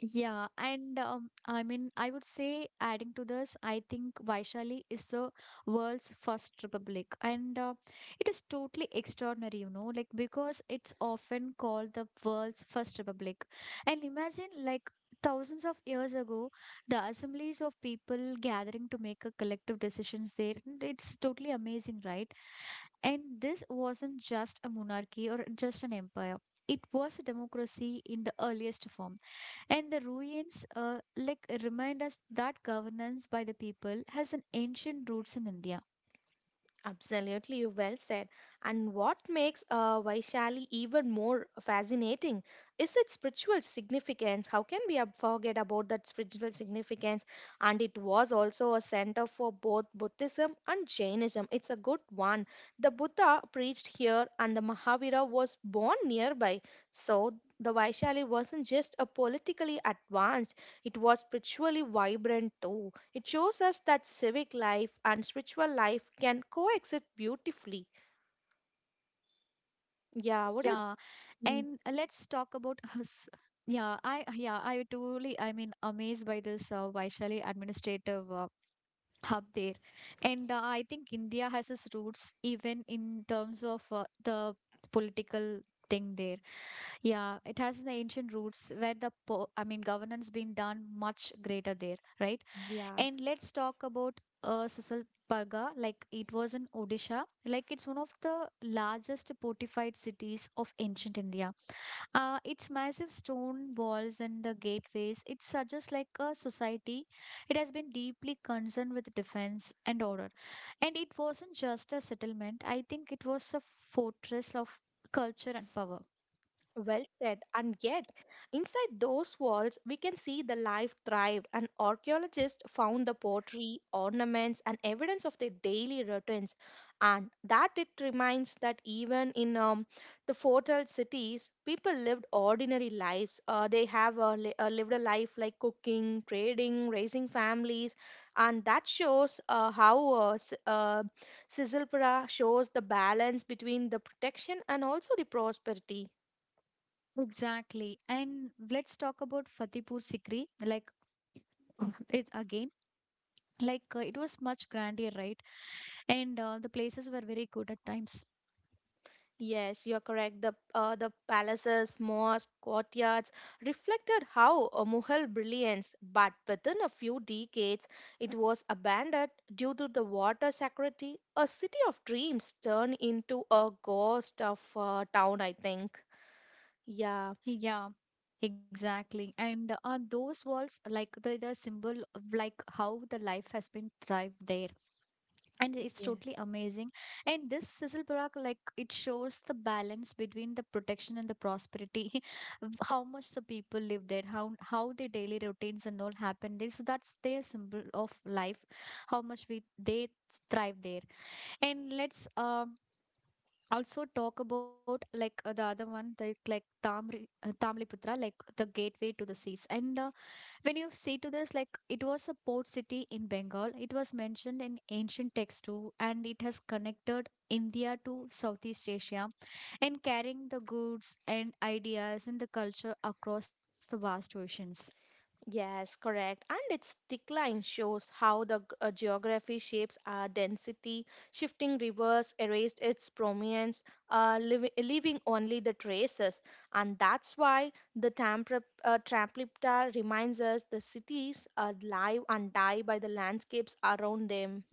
[SPEAKER 1] Yeah, and I mean, I would say adding to this, I think Vaishali is the world's first republic, and it is totally extraordinary, you know, like because it's often called the world's first republic. And imagine, like, thousands of years ago, the assemblies of people gathering to make a collective decisions there. And It's totally amazing, right? And this wasn't just a monarchy or just an empire. It was a democracy in the earliest form. And the ruins, like, remind us that governance by the people has an ancient roots in India.
[SPEAKER 2] Absolutely, you well said. And what makes Vaishali even more fascinating is its spiritual significance. How can we forget about that spiritual significance? And it was also a center for both Buddhism and Jainism. It's a good one. The Buddha preached here, and the Mahavira was born nearby. So the Vaishali wasn't just a politically advanced; it was spiritually vibrant too. It shows us that civic life and spiritual life can coexist beautifully.
[SPEAKER 1] Yeah,
[SPEAKER 2] Yeah, what do you?
[SPEAKER 1] and let's
[SPEAKER 2] Mm.
[SPEAKER 1] talk about us. Yeah, I totally, I mean, amazed by this Vaishali administrative hub there, and I think India has its roots even in terms of the political thing there. Yeah, it has the ancient roots where the po I mean governance being done much greater there, right?
[SPEAKER 2] Yeah.
[SPEAKER 1] And let's talk about Susalparga. Like it was in Odisha. Like it's one of the largest fortified cities of ancient India. Its massive stone walls and the gateways, it suggests like a society. It has been deeply concerned with defense and order. And it wasn't just a settlement, I think it was a fortress of culture and power.
[SPEAKER 2] Well said. And yet, inside those walls, we can see the life thrived, and archaeologists found the pottery, ornaments, and evidence of their daily routines. And that it reminds that even in the fortile cities, people lived ordinary lives. They have lived a life like cooking, trading, raising families, and that shows how Sizzlpura shows the balance between the protection and also the prosperity.
[SPEAKER 1] Exactly. And let's talk about Fatehpur Sikri. Like it's again, like it was much grander, right? And the places were very good at times.
[SPEAKER 2] Yes, you're correct. The palaces, mosques, courtyards reflected how a Mughal brilliance, but within a few decades, it was abandoned due to the water scarcity. A city of dreams turned into a ghost of town, I think. Yeah,
[SPEAKER 1] Yeah, exactly. And those walls, like, the symbol of like how the life has been thrived there. And it's
[SPEAKER 2] yeah.
[SPEAKER 1] totally amazing. And this Sizzle, like it shows the balance between the protection and the prosperity, of how much the people live there, how their daily routines and all happen there. So that's their symbol of life, how much we they thrive there. And let's also talk about like the other one that like Tamliputra, like the gateway to the seas and when you see to this, like it was a port city in Bengal, it was mentioned in ancient texts too, and it has connected India to Southeast Asia, and carrying the goods and ideas and the culture across the vast oceans.
[SPEAKER 2] Yes, correct. And its decline shows how the geography shapes our density. Shifting rivers erased its prominence, leaving only the traces. And that's why the Tampa, Traplipta reminds us the cities are live and die by the landscapes around them.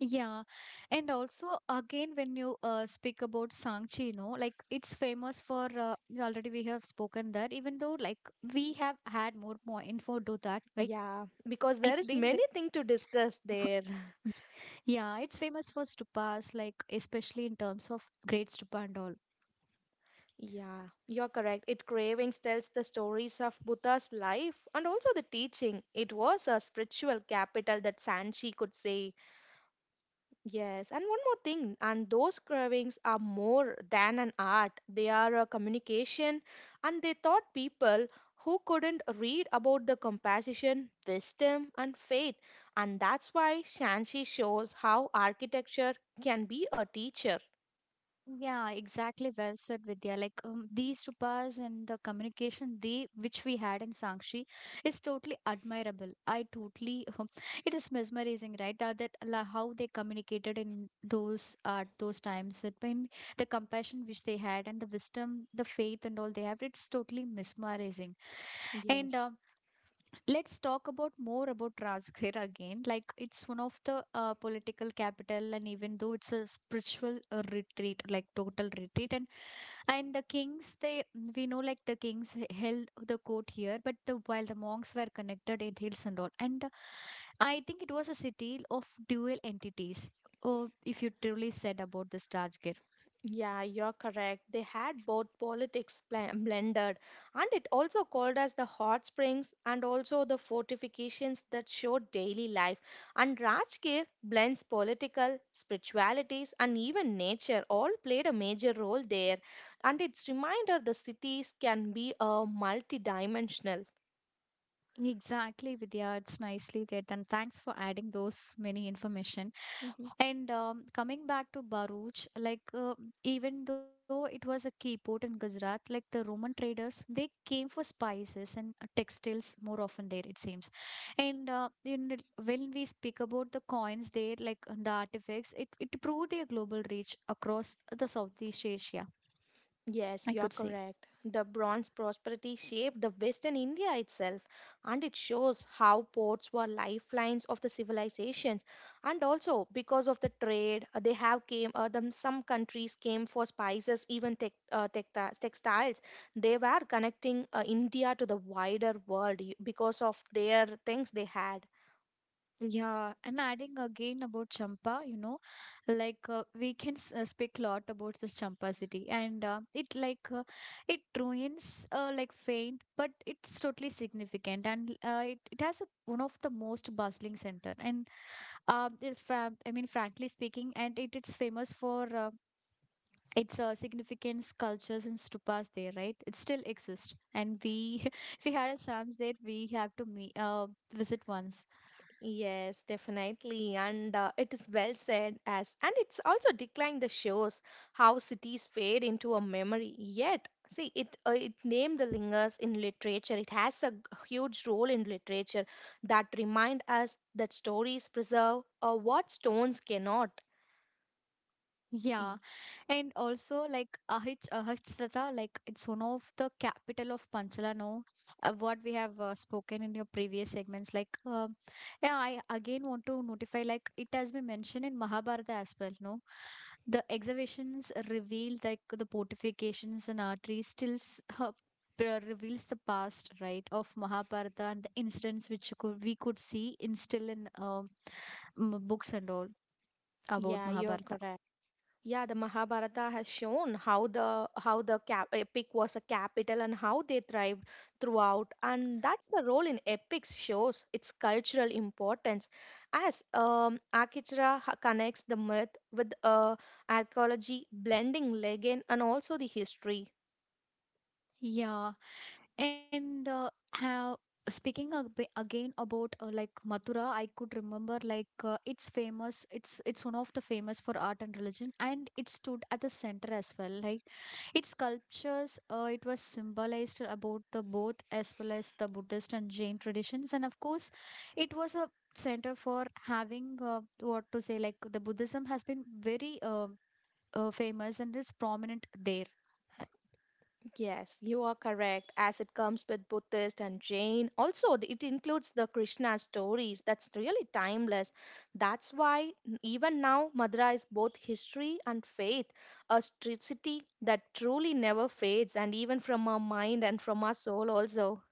[SPEAKER 1] Yeah, and also again when you speak about Sangchi, you know, like it's famous for already we have spoken that even though like we have had more info to that like
[SPEAKER 2] Yeah, because there
[SPEAKER 1] it's
[SPEAKER 2] is
[SPEAKER 1] been
[SPEAKER 2] many things to discuss
[SPEAKER 1] ve-
[SPEAKER 2] there.
[SPEAKER 1] yeah, it's famous for stupas, like especially in terms of great stupa and all.
[SPEAKER 2] Yeah, you're correct. It cravings tells the stories of Buddha's life and also the teaching. It was a spiritual capital that Sanchi could say. Yes, and one more thing, and those cravings are more than an art. They are a communication, and they taught people who couldn't read about the compassion, wisdom, and faith. And that's why Shanxi shows how architecture can be a teacher.
[SPEAKER 1] Yeah, exactly. Well said, Vidya. Like these rupas and the communication they which we had in Sangshi is totally admirable. I totally, it is mesmerizing, right? How they communicated in those at those times. That when the compassion which they had and the wisdom, the faith and all they have, it's totally mesmerizing. And
[SPEAKER 2] Yes.
[SPEAKER 1] let's talk about more about Rajgir again. Like it's one of the political capital, and even though it's a spiritual retreat, like total retreat, and the kings, they, we know like the kings held the court here, but the while the monks were connected in hills and all, and I think it was a city of dual entities. Oh, if you truly said about this Rajgir.
[SPEAKER 2] Yeah, you're correct. They had both politics blended, and it also called as the hot springs and also the fortifications that showed daily life. And Rajgir blends political, spiritualities, and even nature all played a major role there. And it's reminder the cities can be a multi-dimensional.
[SPEAKER 1] Exactly, Vidya. It's nicely said, and thanks for adding those many information.
[SPEAKER 2] Mm-hmm.
[SPEAKER 1] And coming back to Baruch, like even though it was a key port in Gujarat, like the Roman traders, they came for spices and textiles more often there, it seems, and when we speak about the coins there, like the artifacts, it proved their global reach across the Southeast Asia,
[SPEAKER 2] Yes,
[SPEAKER 1] I
[SPEAKER 2] you're
[SPEAKER 1] could say.
[SPEAKER 2] correct. The Bronze prosperity shaped the Western India itself, and it shows how ports were lifelines of the civilizations. And also, because of the trade, they have came. Them, some countries came for spices, even tecti- textiles. They were connecting India to the wider world because of their things they had.
[SPEAKER 1] Yeah, and adding again about Champa, you know, like we can speak a lot about this Champa city, and it like it ruins like faint, but it's totally significant, and it has a, one of the most bustling center, and I mean, frankly speaking, and it's famous for. Its significant sculptures and stupas there, right, it still exists, and we if we had a chance there, we have to meet visit once.
[SPEAKER 2] Yes, definitely. And it is well said as, and it's also declined the shows how cities fade into a memory. Yet, see, it it name the lingers in literature. It has a huge role in literature that remind us that stories preserve what stones cannot.
[SPEAKER 1] Yeah.
[SPEAKER 2] Y-
[SPEAKER 1] And also, like Ahichrata, like it's one of the capital of Panchala. No, what we have spoken in your previous segments. Like, yeah, I again want to notify. Like, it has been mentioned in Mahabharata as well. No, the excavations reveal like the fortifications and arteries still reveals the past, right, of Mahabharata and the incidents which you could we could see in still in books and all about
[SPEAKER 2] Yeah, you're
[SPEAKER 1] Mahabharata.
[SPEAKER 2] correct. Yeah, the Mahabharata has shown how the cap, epic was a capital and how they thrived throughout, and that's the role in epics shows its cultural importance, as Akhichira connects the myth with archaeology, blending legend and also the history.
[SPEAKER 1] Yeah, and how speaking ab again about like Mathura, I could remember like it's famous. It's one of the famous for art and religion, and it stood at the center as well. Like its sculptures, it was symbolized about the both as well as the Buddhist and Jain traditions, and of course, it was a center for having what to say like the Buddhism has been very famous and is prominent there.
[SPEAKER 2] Yes, you are correct. As it comes with Buddhist and Jain, also it includes the Krishna stories. That's really timeless. That's why even now Madura is both history and faith, a street city that truly never fades, and even from our mind and from our soul also.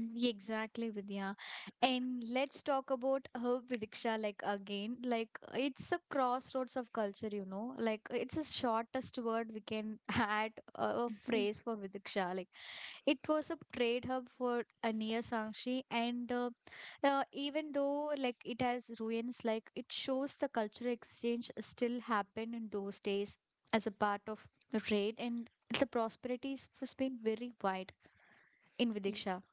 [SPEAKER 1] Mm, exactly, Vidya. And let's talk about her Vidiksha like again. Like it's a crossroads of culture, Like it's the shortest word we can add a
[SPEAKER 2] Mhm.
[SPEAKER 1] phrase for Vidiksha. Like it was a trade hub for Ania Sangshi, and even though like it has ruins, like it shows the cultural exchange still happened in those days as a part of the trade, and the prosperities was been very wide in Vidiksha.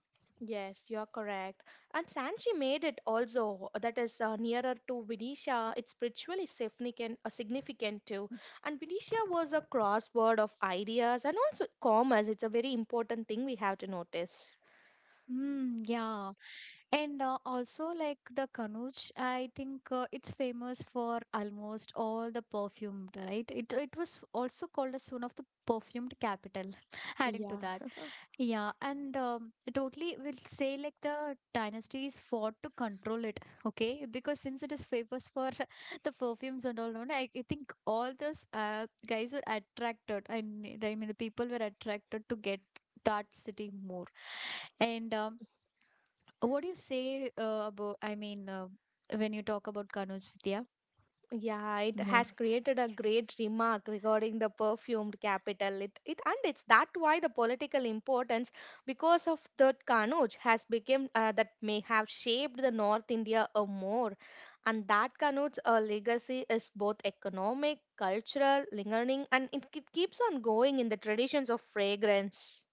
[SPEAKER 2] Yes, you're correct. And Sanchi made it also that is nearer to Vidisha. It's spiritually significant, significant too. And Vidisha was a crossword of ideas and also commerce. It's a very important thing we have to notice.
[SPEAKER 1] Mm, yeah. And also, like the Kanuj, I think it's famous for almost all the perfumed, right? It was also called as one of the perfumed capital, adding to
[SPEAKER 2] Yeah.
[SPEAKER 1] that. Yeah, and totally will say like the dynasties fought to control it, okay? Because since it is famous for the perfumes and all, no, I think all those guys were attracted, I mean, the people were attracted to get that city more. And what do you say about, I mean, when you talk about Kanuj Vidya
[SPEAKER 2] Yeah, it has
[SPEAKER 1] more?
[SPEAKER 2] created a great remark regarding the perfumed capital. It's that why the political importance because of the Kanauj has become that may have shaped the North India a more, and that Kanuj's legacy is both economic, cultural, lingering, and it keeps on going in the traditions of fragrance.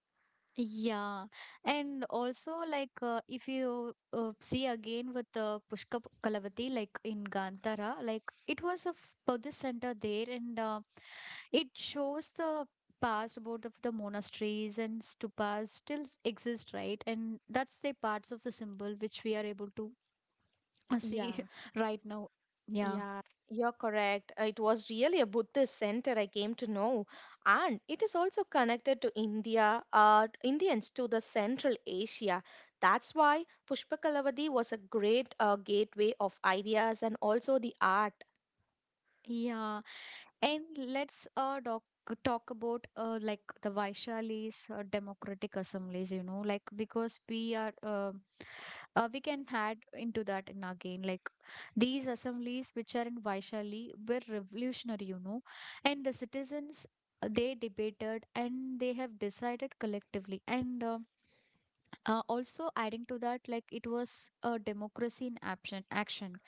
[SPEAKER 1] Yeah, and also like if you see again with Pushkar Kalavati, like in Gantara, like it was a Buddhist center there, and it shows the past about of the monasteries and stupas still exist, right? And that's the parts of the symbol which we are able to see
[SPEAKER 2] Yeah.
[SPEAKER 1] right now. Yeah.
[SPEAKER 2] Yeah, you're correct. It was really a Buddhist center I came to know, and it is also connected to India, Indians to the Central Asia. That's why Pushpakalavadi was a great gateway of ideas and also the art.
[SPEAKER 1] Yeah, and let's talk about like the Vaishali's democratic assemblies, like because we are we can add into that in again like these assemblies which are in Vaishali were revolutionary, and the citizens they debated and they have decided collectively and also adding to that like it was a democracy in action action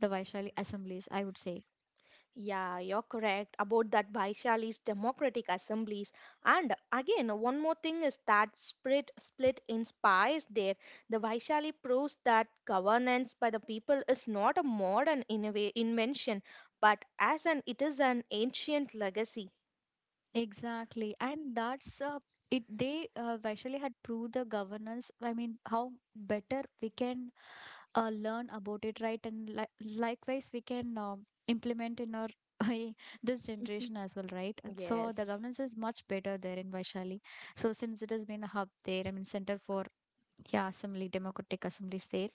[SPEAKER 1] the Vaishali assemblies I would say.
[SPEAKER 2] Yeah, you're correct about that Vaishali's democratic assemblies. And again, one more thing is that split inspires there. The Vaishali proves that governance by the people is not a modern invention, but as an it is an ancient legacy.
[SPEAKER 1] Exactly, and that's it. They Vaishali had proved the governance. I mean, how better we can learn about it, right? And li likewise, we can implement in our this
[SPEAKER 2] Mhm.
[SPEAKER 1] generation as well, right? And so the
[SPEAKER 2] Yes.
[SPEAKER 1] governance is much better there in Vaishali. So since it has been a hub there, I mean, center for yeah, assembly, democratic assemblies there,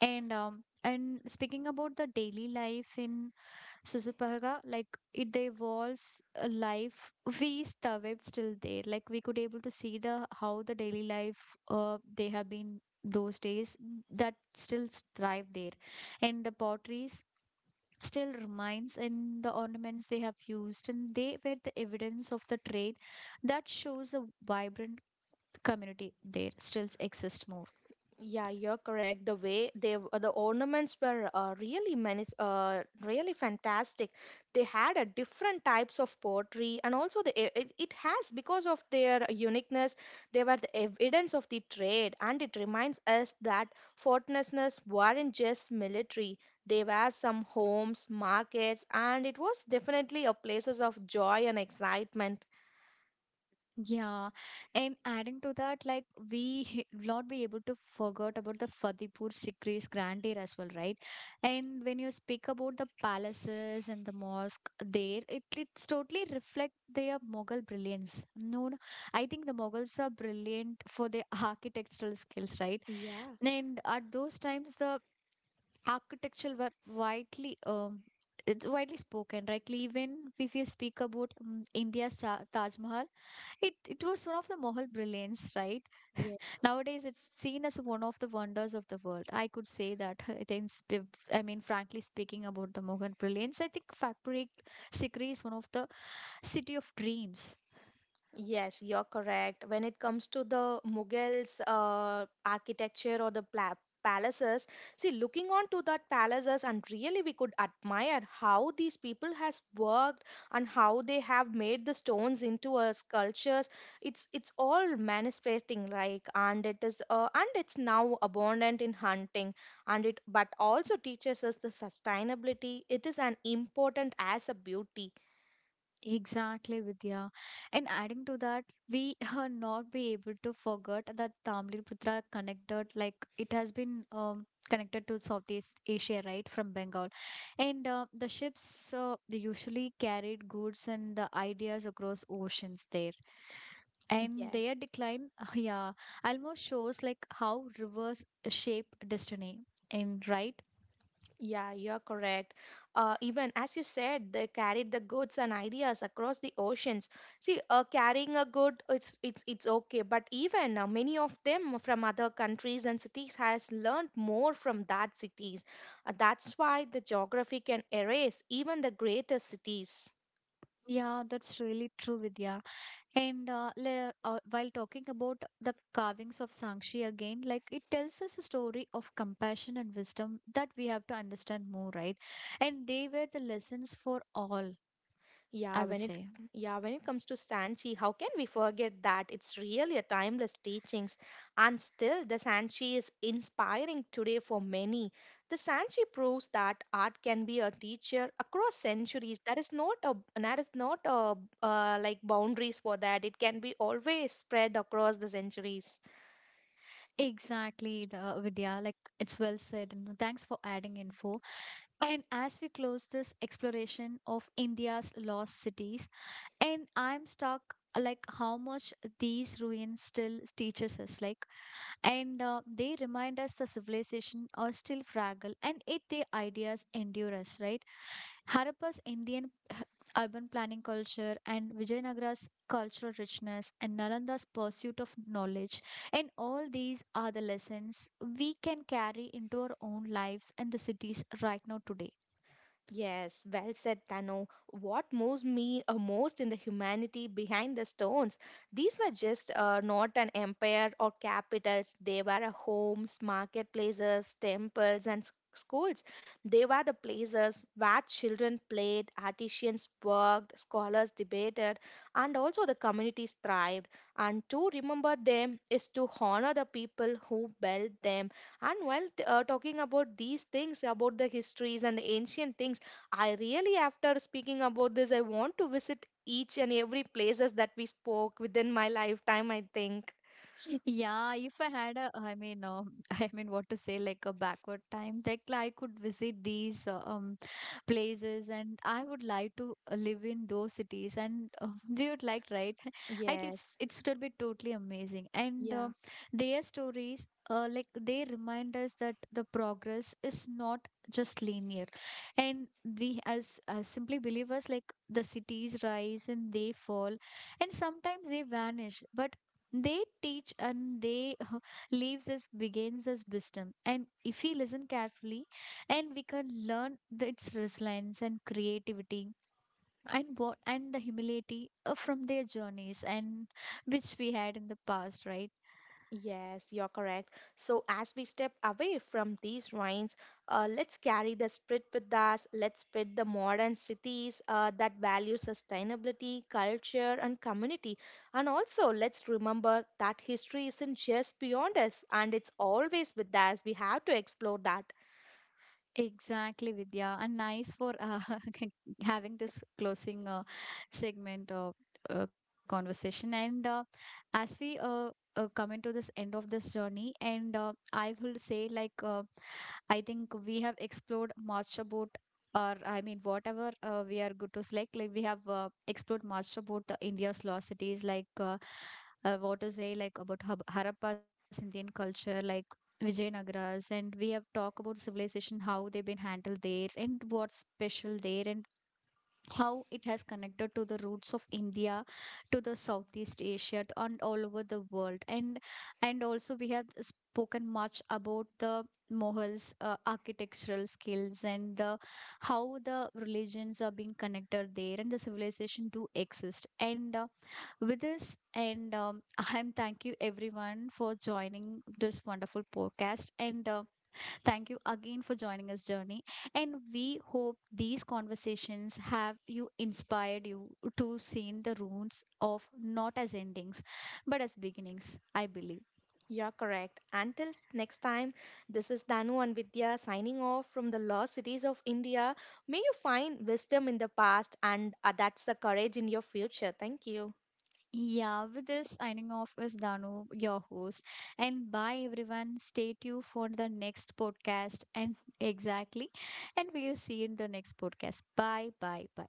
[SPEAKER 1] and speaking about the daily life in Susuparga, like it evolves a life. We survived still there. Like we could able to see the how the daily life they have been those days mm, that still thrive there, and the potteries still remains and the ornaments they have used and they were the evidence of the trade that shows a vibrant community there still exists more.
[SPEAKER 2] Yeah, you're correct. The way the ornaments were really many, really fantastic. They had a different types of pottery, and also it has because of their uniqueness. They were the evidence of the trade, and it reminds us that fortresses weren't just military. They were some homes, markets, and it was definitely a places of joy and excitement.
[SPEAKER 1] Yeah, and adding to that, like we not be able to forget about the Fatehpur Sikri's grandeur as well, right? And when you speak about the palaces and the mosque there, it's totally reflect their Mughal brilliance. No, no, I think the Mughals are brilliant for their architectural skills, right?
[SPEAKER 2] Yeah.
[SPEAKER 1] And at those times, the architecture were widely. It's widely spoken, right? Even if you speak about India's Taj Mahal, it was one of the Mohal brilliance, right? Nowadays, it's seen as one of the wonders of the world. I could say that. It is, I mean, frankly speaking about the Mohal brilliance, I think Factory Sikri is one of the city of dreams.
[SPEAKER 2] Yes, you're correct. When it comes to the Mughals architecture or the pla palaces, see, looking on to that palaces and really we could admire how these people has worked and how they have made the stones into a sculptures. It's all manifesting like and it is and it's now abundant in hunting and it but also teaches us the sustainability. It is an important as a beauty.
[SPEAKER 1] Exactly, Vidya. And adding to that, we are not be able to forget that Tamliputra connected, like it has been connected to Southeast Asia, right, from Bengal. And the ships they usually carried goods and the ideas across oceans there. And
[SPEAKER 2] Yes.
[SPEAKER 1] their decline, yeah, almost shows like how rivers shape destiny. And right,
[SPEAKER 2] Yeah, you're correct. Even as you said, they carried the goods and ideas across the oceans. See, carrying a good, it's okay. But even many of them from other countries and cities has learned more from that cities. That's why the geography can erase even the greatest cities.
[SPEAKER 1] yeah, that's really true, Vidya. And while talking about the carvings of Sangshi again, like it tells us a story of compassion and wisdom that we have to understand more, right? And they were the lessons for all,
[SPEAKER 2] Yeah,
[SPEAKER 1] I would
[SPEAKER 2] when it
[SPEAKER 1] say.
[SPEAKER 2] yeah, when it comes to Sanchi, how can we forget that? It's really a timeless teachings. And still the Sanchi is inspiring today for many. The Sanchi proves that art can be a teacher across centuries. There is not a there is not a like boundaries for that. It can be always spread across the centuries.
[SPEAKER 1] Exactly, the Vidya, like it's well said. And thanks for adding info. And as we close this exploration of India's lost cities, and I'm stuck like how much these ruins still teaches us like and they remind us the civilization are still fragile and yet their ideas endure us, right? Harappa's Indian urban planning culture and Vijayanagara's cultural richness and Nalanda's pursuit of knowledge, and all these are the lessons we can carry into our own lives and the cities right now today.
[SPEAKER 2] Yes, well said, Tano. What moves me most in the humanity behind the stones? These were just not an empire or capitals. They were a homes, marketplaces, temples, and schools. They were the places where children played, artisans worked, scholars debated, and also the communities thrived. And to remember them is to honor the people who built them. And while talking about these things, about the histories and the ancient things, I really, after speaking about this, I want to visit each and every places that we spoke within my lifetime, I think.
[SPEAKER 1] Yeah, if I had a, I mean, I mean, what to say, like a backward time, like I could visit these places, and I would like to live in those cities, and we would like, right? I think
[SPEAKER 2] Yes,
[SPEAKER 1] it's still be totally amazing, and
[SPEAKER 2] yeah,
[SPEAKER 1] their stories, like they remind us that the progress is not just linear, and we as simply believers, like the cities rise and they fall, and sometimes they vanish, but they teach and they leaves us begins as wisdom. And if we listen carefully, and we can learn the, its resilience and creativity and what and the humility from their journeys and which we had in the past, right?
[SPEAKER 2] yes, you're correct. So, as we step away from these ruins, let's carry the spirit with us. Let's spread the modern cities that value sustainability, culture, and community. And also, let's remember that history isn't just beyond us and it's always with us. We have to explore that.
[SPEAKER 1] Exactly, Vidya, and nice for having this closing segment of conversation. And as we come into this end of this journey, and I will say like. I think we have explored much about or I mean whatever we are good to select like we have explored much about the India's lost cities like what to say like about Harappa's Indian culture like Vijayanagara's, and we have talked about civilization how they've been handled there and what's special there and how it has connected to the roots of India to the Southeast Asia and all over the world, and also we have spoken much about the Mohals architectural skills and the how the religions are being connected there and the civilization do exist, and with this and I'm thank you everyone for joining this wonderful podcast, and thank you again for joining us, Journey. And we hope these conversations have you inspired you to see the roots of not as endings, but as beginnings, I believe.
[SPEAKER 2] You're correct. Until next time, this is Danu and Vidya signing off from the lost cities of India. May you find wisdom in the past and that's the courage in your future. Thank you.
[SPEAKER 1] Yeah, with this signing off is Danu, your host. And bye everyone. Stay tuned for the next podcast. And exactly. And we'll see you in the next podcast. Bye, bye, bye.